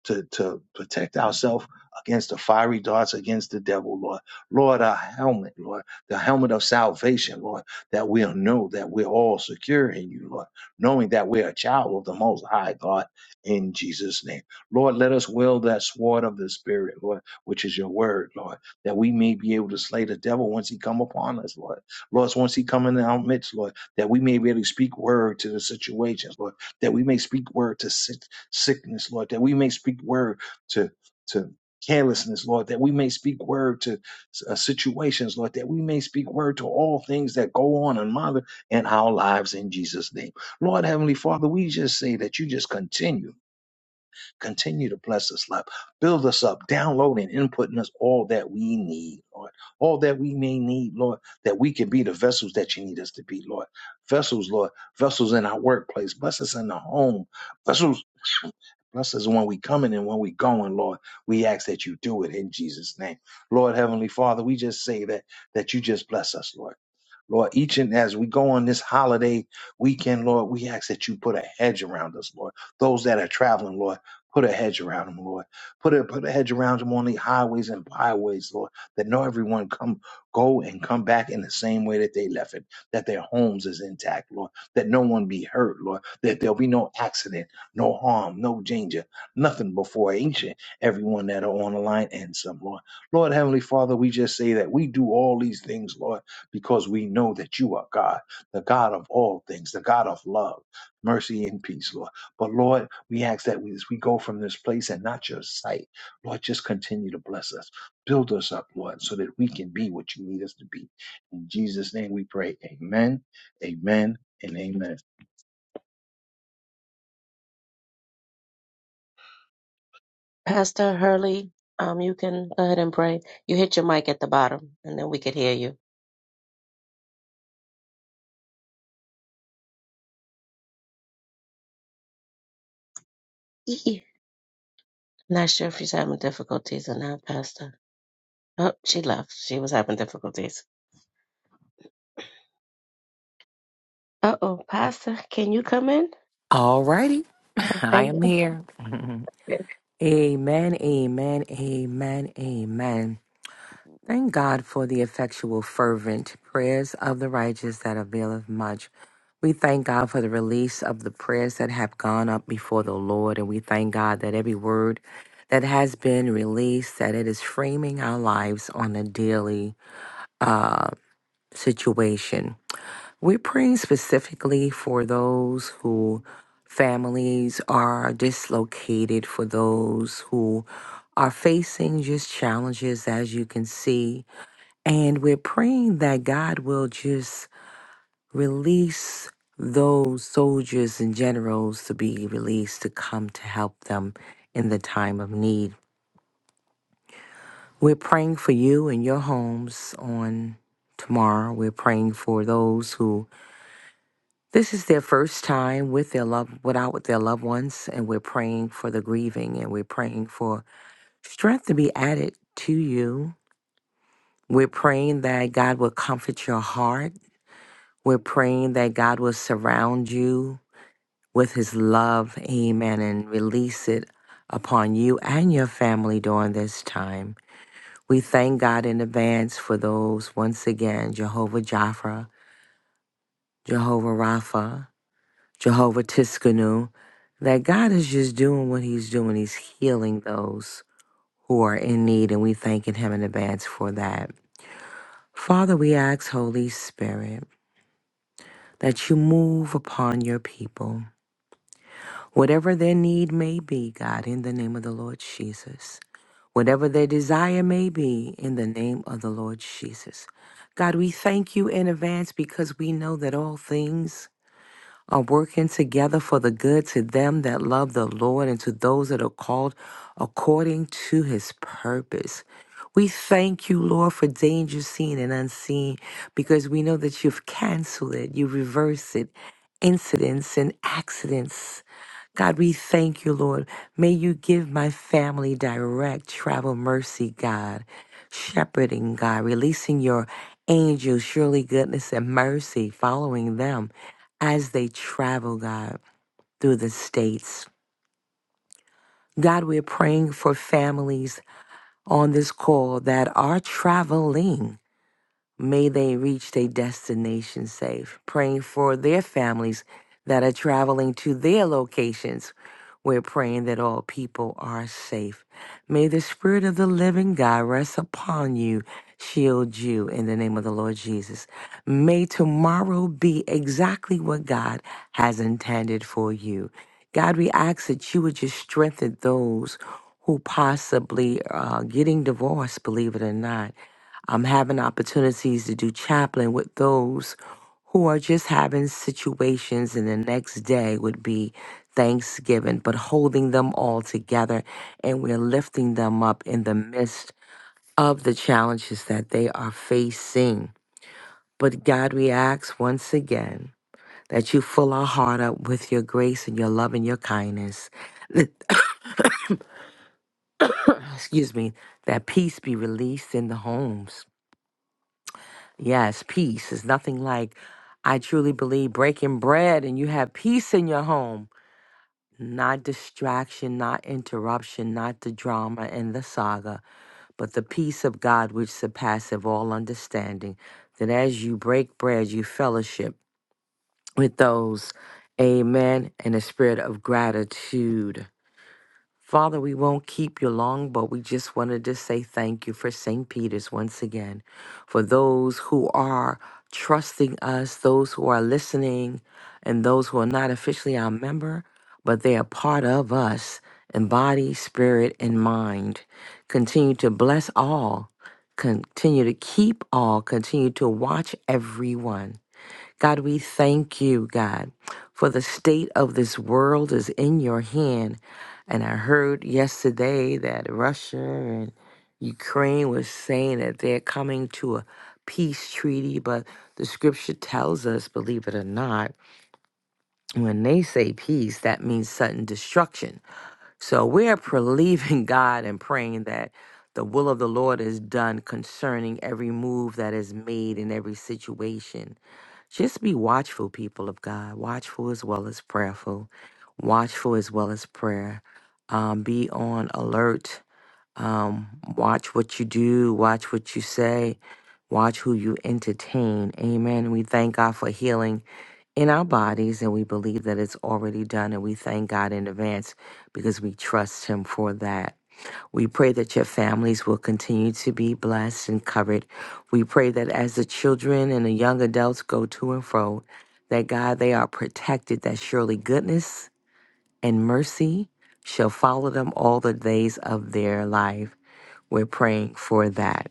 [SPEAKER 5] to, to protect ourselves against the fiery darts against the devil, Lord. Lord, our helmet, Lord, the helmet of salvation, Lord, that we'll know that we're all secure in you, Lord, knowing that we're a child of the Most High God in Jesus' name. Lord, let us wield that sword of the Spirit, Lord, which is your word, Lord, that we may be able to slay the devil once he come upon us, Lord. Lord, once he come in our midst, Lord, that we may be able to speak word to the situations, Lord that we may speak word to sick, sickness, Lord, that we may speak word to, to carelessness, Lord, that we may speak word to uh, situations, Lord, that we may speak word to all things that go on and mother in our lives in Jesus' name. Lord, Heavenly Father, we just say that you just continue. Continue to bless us, Lord. Build us up, download and input in us all that we need, Lord. All that we may need, Lord, that we can be the vessels that you need us to be, Lord. Vessels, Lord, vessels in our workplace, bless us in the home, vessels Bless us when we coming and when we going, Lord. We ask that you do it in Jesus' name. Lord Heavenly Father, we just say that that you just bless us, Lord. Lord, each and as we go on this holiday weekend, Lord, we ask that you put a hedge around us, Lord. Those that are traveling, Lord, put a hedge around them, Lord. Put a put a hedge around them on the highways and byways, Lord, that no everyone come go and come back in the same way that they left it, that their homes is intact, Lord, that no one be hurt, Lord, that there'll be no accidents no harm, no danger, nothing before ancient, everyone that are on the line and some, Lord. Lord Heavenly Father, we just say that we do all these things, Lord, because we know that you are God, the God of all things, the God of love, mercy, and peace, Lord. But Lord, we ask that we, as we go from this place and not your sight, Lord, just continue to bless us. Build us up, Lord, so that we can be what you need us to be. In Jesus' name we pray. Amen, amen, and amen.
[SPEAKER 1] Pastor Hurley, um, you can go ahead and pray. You hit your mic at the bottom, and then we could hear you. Eeh. Not sure if she's having difficulties or not, Pastor. Oh, she left. She was having difficulties. Uh oh, Pastor, can you come in?
[SPEAKER 2] All righty. I am
[SPEAKER 1] Okay.
[SPEAKER 2] here. amen, amen, amen, amen. Thank God for the effectual, fervent prayers of the righteous that availeth much. We thank God for the release of the prayers that have gone up before the Lord, and we thank God that every word that has been released, that it is framing our lives on a daily uh, situation. We're praying specifically for those who families are dislocated, for those who are facing just challenges, as you can see. And we're praying that God will just release those soldiers and generals to be released to come to help them in the time of need. We're praying for you and your homes on tomorrow. We're praying for those who This is their first time with their love, without with their loved ones, and we're praying for the grieving and we're praying for strength to be added to you. We're praying that God will comfort your heart. We're praying that God will surround you with his love, amen, and release it upon you and your family during this time. We thank God in advance for those, once again, Jehovah Jireh, Jehovah Rapha. Jehovah Tiskanu, that God is just doing what He's doing. He's healing those who are in need, and we thanking Him in advance for that. Father, we ask, Holy Spirit, that you move upon your people, whatever their need may be, God, in the name of the Lord Jesus. Whatever their desire may be, in the name of the Lord Jesus. God, we thank you in advance because we know that all things are working together for the good to them that love the Lord and to those that are called according to his purpose. We thank you, Lord, for danger seen and unseen because we know that you've canceled it, you reverse it, incidents and accidents. God, we thank you, Lord. May you give my family direct travel mercy, God. Shepherding, God, releasing your angels, surely goodness and mercy following them as they travel, God, through the states. God, we're praying for families on this call that are traveling. May they reach their destination safe. Praying for their families that are traveling to their locations. We're praying that all people are safe. May the Spirit of the living God rest upon you, shield you in the name of the Lord Jesus. May tomorrow be exactly what God has intended for you. God, we ask that you would just strengthen those who possibly are getting divorced, believe it or not I'm having opportunities to do chaplain with those who are just having situations, and the next day would be Thanksgiving, but holding them all together and we're lifting them up in the midst of the challenges that they are facing. But God, we ask once again that you fill our heart up with your grace and your love and your kindness. Excuse me, that peace be released in the homes Yes, peace is nothing like, I truly believe, breaking bread and you have peace in your home. Not distraction, not interruption, not the drama and the saga, but the peace of God which surpasseth all understanding. That as you break bread, you fellowship with those, amen, in a spirit of gratitude. Father, we won't keep you long, but we just wanted to say thank you for St. Peter's once again, for those who are trusting us, those who are listening, and those who are not officially our member, but they are part of us in body, spirit, and mind. Continue to bless all, continue to keep all, continue to watch everyone. God, we thank you, God, for the state of this world is in your hand. And I heard yesterday that Russia and Ukraine was saying that they're coming to a peace treaty, but the scripture tells us, believe it or not, when they say peace, that means sudden destruction. So we're believing God and praying that the will of the Lord is done concerning every move that is made in every situation. Just be watchful, people of God, watchful as well as prayerful, watchful as well as prayer. Um, be on alert. Um, watch what you do, watch what you say, Watch who you entertain. Amen. We thank God for healing in our bodies, and we believe that it's already done, and we thank God in advance because we trust Him for that. We pray that your families will continue to be blessed and covered. We pray that as the children and the young adults go to and fro, that God, they are protected, that surely goodness and mercy shall follow them all the days of their life. We're praying for that.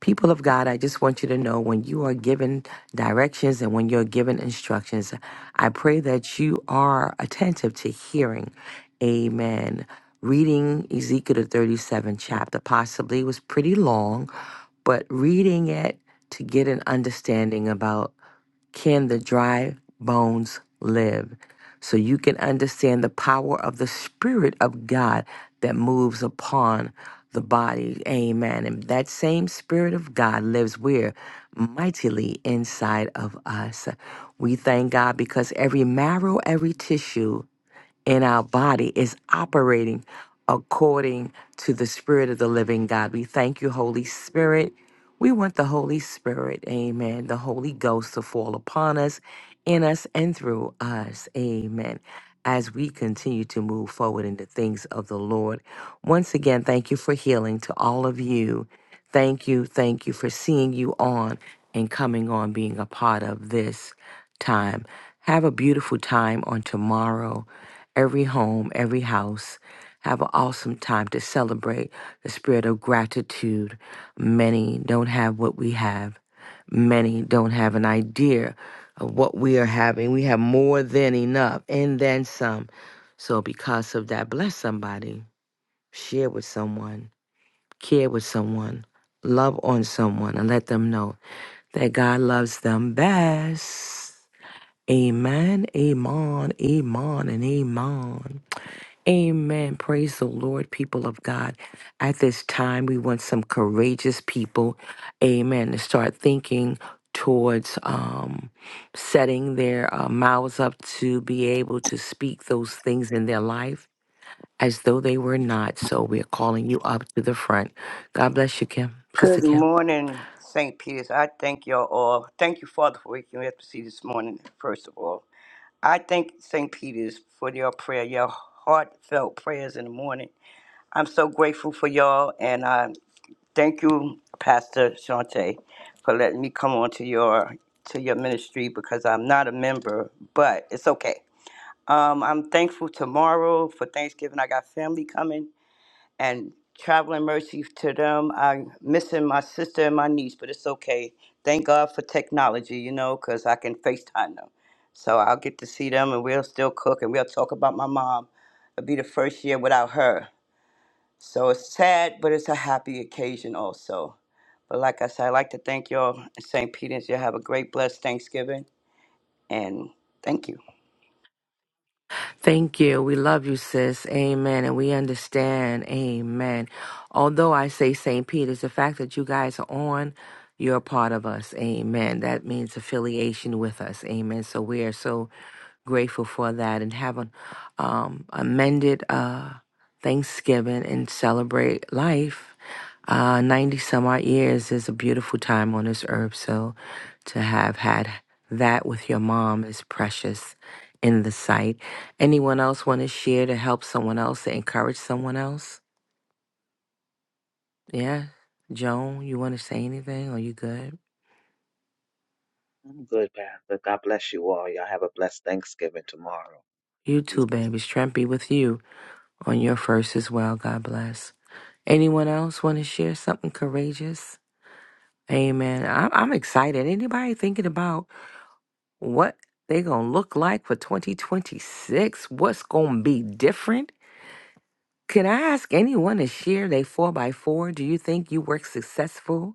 [SPEAKER 2] People of God, I just want you to know when you are given directions and when you're given instructions, I pray that you are attentive to hearing. Amen. Reading Ezekiel the thirty seventh chapter possibly was pretty long, but reading it to get an understanding about can the dry bones live? So you can understand the power of the Spirit of God that moves upon the body. Amen. And that same Spirit of God lives where? Mightily inside of us. We thank God because every marrow, every tissue, in our body is operating according to the Spirit of the living God. We thank you, Holy Spirit. We want the Holy Spirit, amen, the Holy Ghost to fall upon us, in us, and through us, amen, as we continue to move forward in the things of the Lord. Once again, thank you for healing to all of you. Thank you, thank you for seeing you on and coming on, being a part of this time. Have a beautiful time on tomorrow every home, every house. Have an awesome time to celebrate the spirit of gratitude. Many don't have what we have. Many don't have an idea of what we are having. We have more than enough and then some. So, because of that, bless somebody, share with someone, care with someone, love on someone, and let them know that God loves them best. Amen, amen, amen, and amen. Amen. Praise the Lord, people of God. At this time, we want some courageous people, amen, to start thinking towards um, setting their uh, mouths up to be able to speak those things in their life as though they were not. So we're calling you up to the front. God bless you, Kim. Sister
[SPEAKER 6] Good
[SPEAKER 2] Kim.
[SPEAKER 6] morning, St. Peter's. I thank y'all all. Thank you, Father, for waking me up to see this morning, first of all. I thank St. Peter's for your prayer, your heartfelt prayers in the morning. I'm so grateful for y'all, and I thank you, Pastor Shante, for letting me come on to your to your ministry because I'm not a member, but it's okay. Um, I'm thankful tomorrow for Thanksgiving. I got family coming and traveling mercy to them. I'm missing my sister and my niece, but it's okay. Thank God for technology, you know, because I can FaceTime them. So I'll get to see them and we'll still cook and we'll talk about my mom. It'll be the first year without her. So it's sad, but it's a happy occasion also. But like I said, I'd like to thank y'all in St. Peter's. Y'all have a great, blessed Thanksgiving. And thank you.
[SPEAKER 2] Thank you. We love you, sis. Amen. And we understand. Amen. Although I say St. Peter's, the fact that you guys are on, you're a part of us. Amen. That means affiliation with us. Amen. So we are so grateful for that and have an um, amended uh, Thanksgiving and celebrate life. Uh, 90 some odd years is a beautiful time on this earth. So to have had that with your mom is precious in the sight Anyone else want to share to help someone else, to encourage someone else? Yeah. Joan, you want to say anything? Are you good?
[SPEAKER 3] I'm good, Pastor. God bless you all. Y'all have a blessed Thanksgiving tomorrow.
[SPEAKER 2] You
[SPEAKER 3] Peace
[SPEAKER 2] too, baby. Strength be with you on
[SPEAKER 3] be
[SPEAKER 2] your
[SPEAKER 3] with you.
[SPEAKER 2] first as well. God bless. Anyone else want to share something courageous? Amen. I'm, I'm excited. Anybody thinking about what they going to look like for 2026? What's going to be different? Can I ask anyone to share their 4 by 4 Do you think you work successful?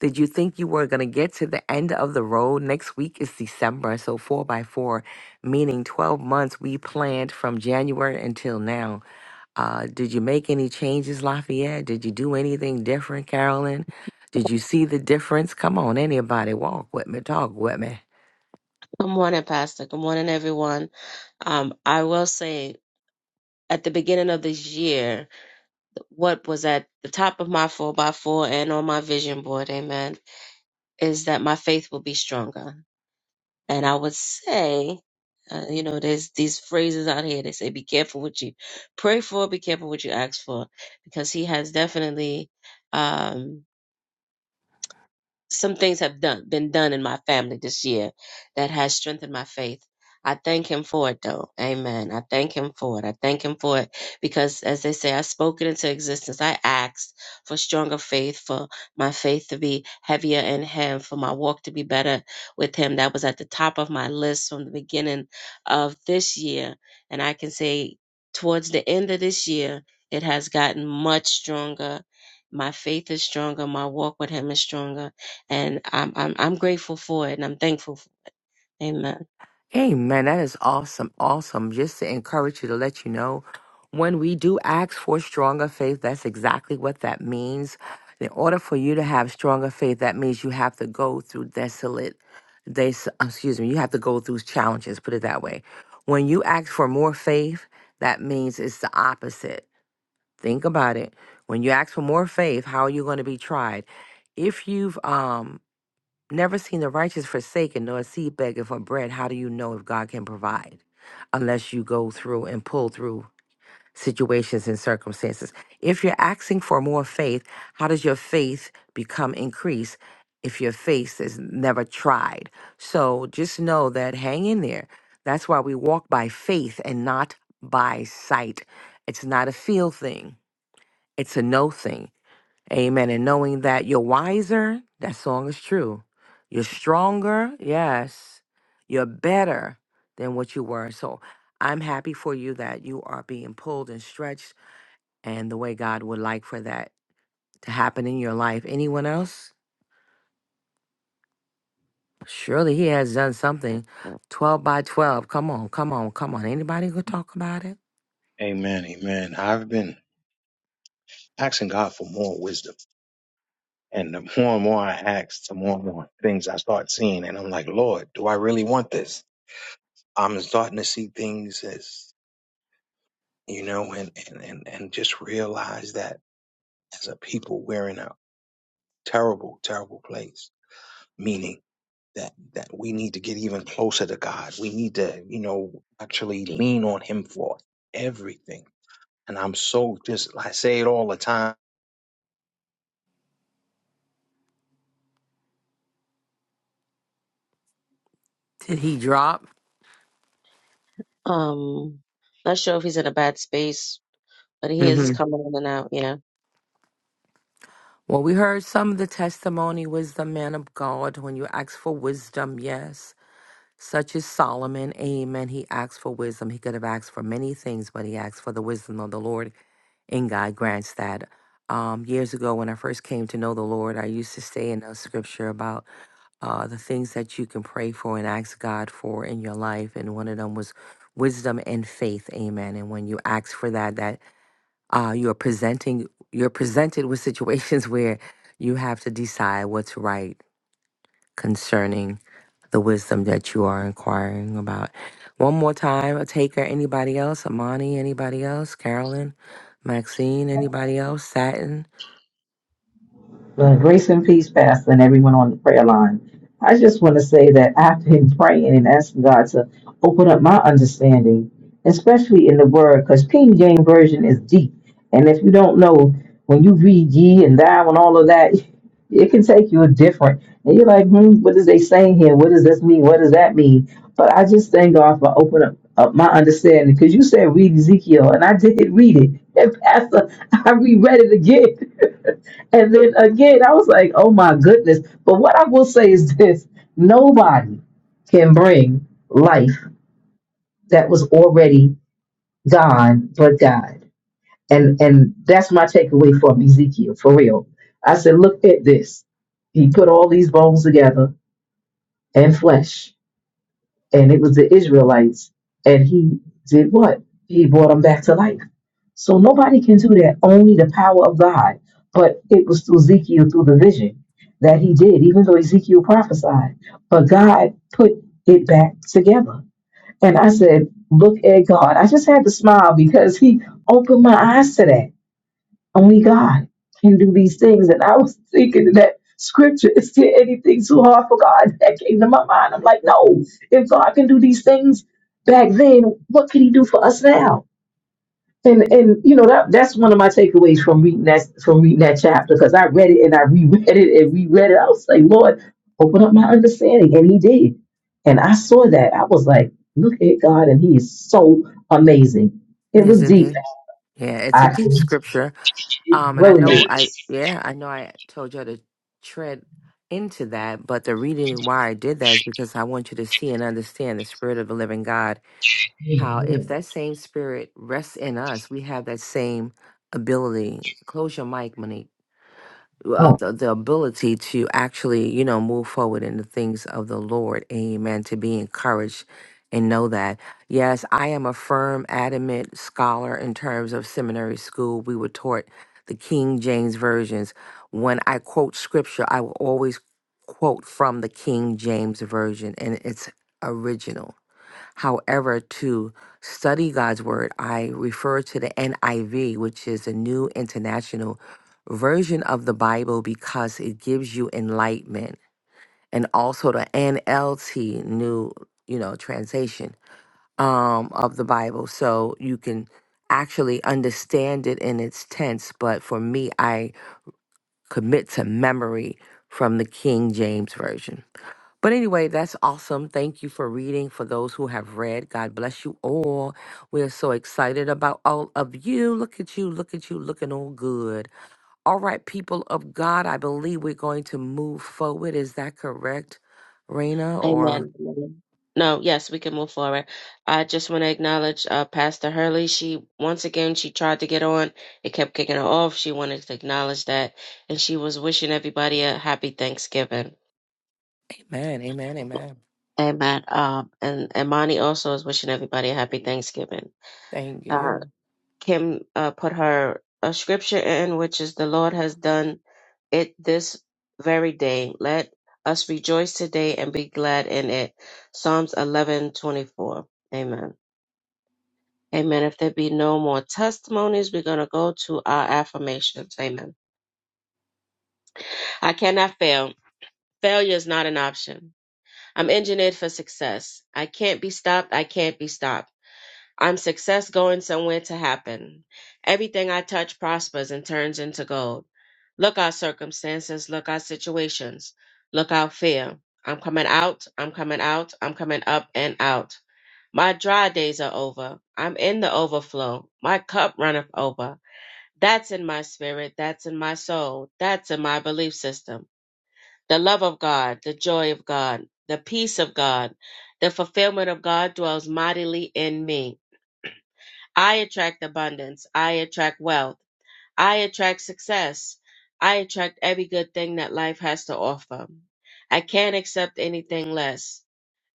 [SPEAKER 2] Did you think you were going to get to the end of the road? Next week is December, so four by four, meaning 12 months we planned from January until now. Uh, did you make any changes, Lafayette? Did you do anything different, Carolyn? Did you see the difference? Come on, anybody, walk with me, talk with me.
[SPEAKER 1] Good morning, Pastor. Good morning, everyone. Um, I will say at the beginning of this year, what was at the top of my four by four and on my vision board, amen, is that my faith will be stronger. And I would say, uh, you know, there's these phrases out here. They say, be careful what you pray for, be careful what you ask for, because he has definitely, um, some things have done been done in my family this year that has strengthened my faith. I thank him for it though. Amen. I thank him for it. I thank him for it because as they say, I spoke it into existence. I asked for stronger faith, for my faith to be heavier in him, for my walk to be better with him. That was at the top of my list from the beginning of this year. And I can say towards the end of this year, it has gotten much stronger. My faith is stronger. My walk with him is stronger and I'm I'm I'm grateful for it, and I'm thankful. For it. Amen.
[SPEAKER 2] Hey man, that is awesome, awesome. Just to encourage you to let you know, when we do ask for stronger faith, that's exactly what that means. In order for you to have stronger faith, that means you have to go through desolate, they, excuse me, you have to go through challenges. Put it that way. When you ask for more faith, that means it's the opposite. Think about it. When you ask for more faith, how are you going to be tried? If you've um Never seen the righteous forsaken nor a seed begging for bread. How do you know if God can provide? Unless you go through and pull through situations and circumstances. If you're asking for more faith, how does your faith become increased if your faith is never tried? So just know that hang in there. That's why we walk by faith and not by sight. It's not a feel thing, it's a no thing. Amen. And knowing that you're wiser, that song is true. You're stronger, yes. You're better than what you were. So I'm happy for you that you are being pulled and stretched and the way God would like for that to happen in your life. Anyone else? Surely he has done something. 12 by 12. Come on, come on, come on. Anybody gonna talk about it?
[SPEAKER 5] Amen, amen. I've been. asking God for more wisdom. And the more and more I ask, the more and more things I start seeing. And I'm like, Lord, do I really want this? I'm starting to see things as, you know, and, and, and, and just realize that as a people, we're in a terrible, terrible place, meaning that, that we need to get even closer to God. We need to, you know, actually lean on Him for everything. And I'm so just, I say it all the time.
[SPEAKER 2] Did he drop?
[SPEAKER 1] Um, not sure if he's in a bad space, but he is
[SPEAKER 2] hmm
[SPEAKER 1] coming in and out. Yeah.
[SPEAKER 2] Well, we heard some of the testimony was the man of God. When you ask for wisdom, yes, such as Solomon, amen. He asked for wisdom. He could have asked for many things, but he asked for the wisdom of the Lord. and God grants that. Um, years ago, when I first came to know the Lord, I used to say in the scripture about uh, the things that you can pray for and ask God for in your life, and one of them was wisdom and faith. Amen. And when you ask for that, that uh, you are presenting, you're presented with situations where you have to decide what's right concerning the wisdom that you are inquiring about. One more time, a taker, anybody else? Amani, anybody else? Carolyn, Maxine, anybody else? Satin
[SPEAKER 4] Well, grace and peace, Pastor, and everyone on the prayer line. I just want to say that I've been praying and asking God to open up my understanding, especially in the Word, because King James Version is deep. And if you don't know, when you read ye and thou and all of that, it can take you a different. And you're like, hmm, what is they saying here? What does this mean? What does that mean? But I just thank God for opening up, up my understanding, because you said read Ezekiel, and I did read it. And Pastor, I reread it again. And then again, I was like, oh my goodness. But what I will say is this nobody can bring life that was already gone but God. And and that's my takeaway from Ezekiel, for real. I said, look at this. He put all these bones together and flesh and it was the Israelites. And he did what? He brought them back to life. So nobody can do that, only the power of God. But it was through Ezekiel, through the vision that he did, even though Ezekiel prophesied. But God put it back together. And I said, Look at God. I just had to smile because he opened my eyes to that only God can do these things. And I was thinking of that scripture, is there anything too hard for God? That came to my mind. I'm like, no, if God can do these things back then, what can he do for us now? And and you know that that's one of my takeaways from reading that from reading that chapter because I read it and I reread it and reread it. I was like, Lord, open up my understanding. And he did. And I saw that. I was like, look at God, and he is so amazing. It was
[SPEAKER 2] is not
[SPEAKER 4] deep.
[SPEAKER 2] it? Yeah, it's a
[SPEAKER 4] I
[SPEAKER 2] deep scripture.
[SPEAKER 4] it
[SPEAKER 2] Um, and I
[SPEAKER 4] really
[SPEAKER 2] know I
[SPEAKER 4] is.
[SPEAKER 2] yeah, I know I told you to tread into that, but the reason why I did that is because I want you to see and understand the spirit of the living God. How if
[SPEAKER 4] Amen.
[SPEAKER 2] that same spirit rests in us, we have that same ability. Close your mic, Monique. uh,
[SPEAKER 4] Oh,
[SPEAKER 2] the, the ability to actually, you know, move forward in the things of the Lord. Amen. To be encouraged and know that. Yes, I am a firm, adamant scholar in terms of seminary school. We were taught the King James versions. When I quote scripture, I will always quote from the King James version and it's original However, to study God's word, I refer to the NIV, which is the New International Version of the Bible, because it gives you enlightenment, and also the NLT, New you know translation um, of the Bible, so you can actually understand it in its tense. But for me, I commit to memory from the King James Version. But anyway, that's awesome. Thank you for reading. For those who have read, God bless you all. We are so excited about all of you. Look at you, look at you, looking all good. All right, people of God, I believe we're going to move forward. Is that correct, Raina? Or
[SPEAKER 1] Amen. No, yes, we can move forward. I just want to acknowledge uh, Pastor Hurley. She once again she tried to get on, it kept kicking her off. She wanted to acknowledge that, and she was wishing everybody a happy Thanksgiving.
[SPEAKER 2] Amen, Amen, Amen.
[SPEAKER 1] Amen. Um, and and Monty also is wishing everybody a happy Thanksgiving.
[SPEAKER 2] Thank you.
[SPEAKER 1] Kim uh, put her a scripture in, which is, The Lord has done it this very day. Let us rejoice today and be glad in it. Psalms eleven twenty four. Amen. Amen. If there be no more testimonies, we're going to go to our affirmations. Amen. I cannot fail. Failure is not an option. I'm engineered for success. I can't be stopped. I can't be stopped. I'm success going somewhere to happen. Everything I touch prospers and turns into gold. Look out circumstances, look out situations, look out fear. I'm coming out, I'm coming out, I'm coming up and out. My dry days are over. I'm in the overflow. My cup runneth over. That's in my spirit, that's in my soul, that's in my belief system. The love of God, the joy of God, the peace of God, the fulfillment of God dwells mightily in me. I attract abundance. I attract wealth. I attract success. I attract every good thing that life has to offer. I can't accept anything less.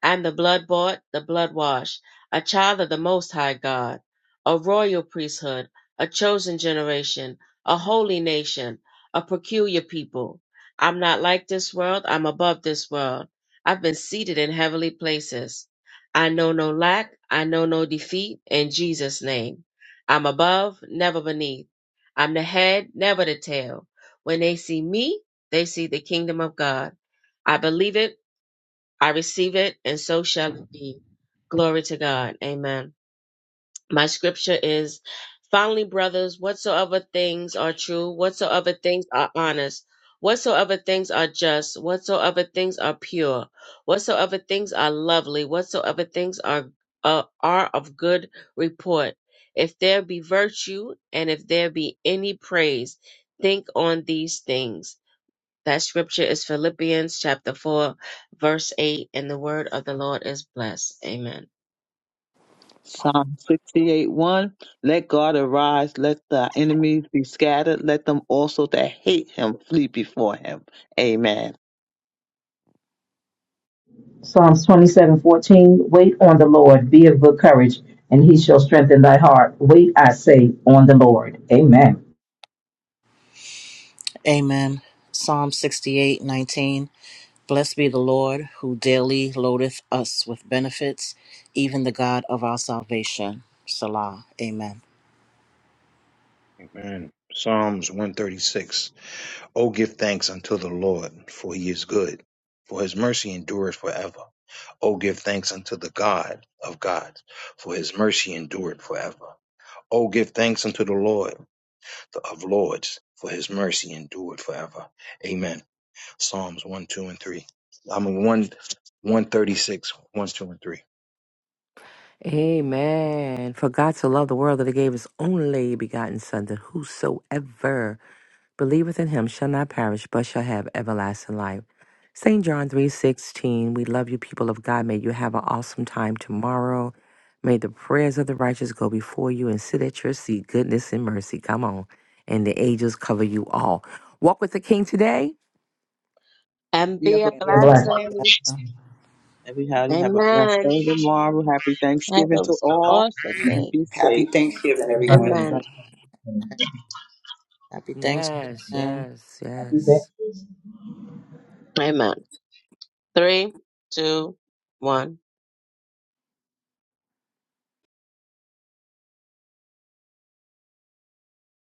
[SPEAKER 1] I'm the blood bought, the blood washed, a child of the Most High God, a royal priesthood, a chosen generation, a holy nation, a peculiar people. I'm not like this world, I'm above this world. I've been seated in heavenly places. I know no lack, I know no defeat, in Jesus' name. I'm above, never beneath. I'm the head, never the tail. When they see me, they see the kingdom of God. I believe it. I receive it, and so shall it be. Glory to God. Amen. My scripture is finally, brothers, whatsoever things are true, whatsoever things are honest, whatsoever things are just, whatsoever things are pure, whatsoever things are lovely, whatsoever things are uh, are of good report. If there be virtue and if there be any praise, think on these things. That scripture is Philippians chapter 4, verse 8, and the word of the Lord is blessed. Amen.
[SPEAKER 3] Psalm 68 1 Let God arise, let the enemies be scattered, let them also that hate him flee before him. Amen.
[SPEAKER 4] Psalms twenty-seven fourteen. Wait on the Lord, be of good courage, and he shall strengthen thy heart. Wait, I say, on the Lord. Amen.
[SPEAKER 7] Amen. Psalm 68:19. Blessed be the Lord who daily loadeth us with benefits, even the God of our salvation. Salah. Amen.
[SPEAKER 5] Amen. Psalms 136 O give thanks unto the Lord, for he is good, for his mercy endureth forever. O give thanks unto the God of gods, for his mercy endureth forever. O give thanks unto the Lord of lords, for his mercy endureth forever. Amen. Psalms 1, 2, and 3. I mean, 1, one thirty-six, one, two, and 3.
[SPEAKER 2] Amen. For God to love the world that He gave His only begotten Son, that whosoever believeth in him shall not perish, but shall have everlasting life. St. John 3.16, we love you, people of God. May you have an awesome time tomorrow. May the prayers of the righteous go before you and sit at your seat. Goodness and mercy. Come on. And the angels cover you all. Walk with the King today.
[SPEAKER 3] And
[SPEAKER 1] And
[SPEAKER 3] be a
[SPEAKER 1] be a
[SPEAKER 3] believer.
[SPEAKER 4] Be blessed.
[SPEAKER 1] blessing.
[SPEAKER 3] Everybody have a blessed
[SPEAKER 1] Amen.
[SPEAKER 3] day tomorrow. Happy
[SPEAKER 1] Have
[SPEAKER 3] Thanksgiving
[SPEAKER 1] an
[SPEAKER 3] to all
[SPEAKER 1] awesome
[SPEAKER 3] and
[SPEAKER 1] day.
[SPEAKER 3] be
[SPEAKER 6] Happy
[SPEAKER 3] safe.
[SPEAKER 6] Thanksgiving,
[SPEAKER 4] Love
[SPEAKER 6] everyone.
[SPEAKER 1] Amen.
[SPEAKER 4] everybody.
[SPEAKER 7] Happy
[SPEAKER 2] Yes,
[SPEAKER 7] Thanksgiving.
[SPEAKER 2] yes, yes.
[SPEAKER 4] you.
[SPEAKER 1] Amen. Three, two, one.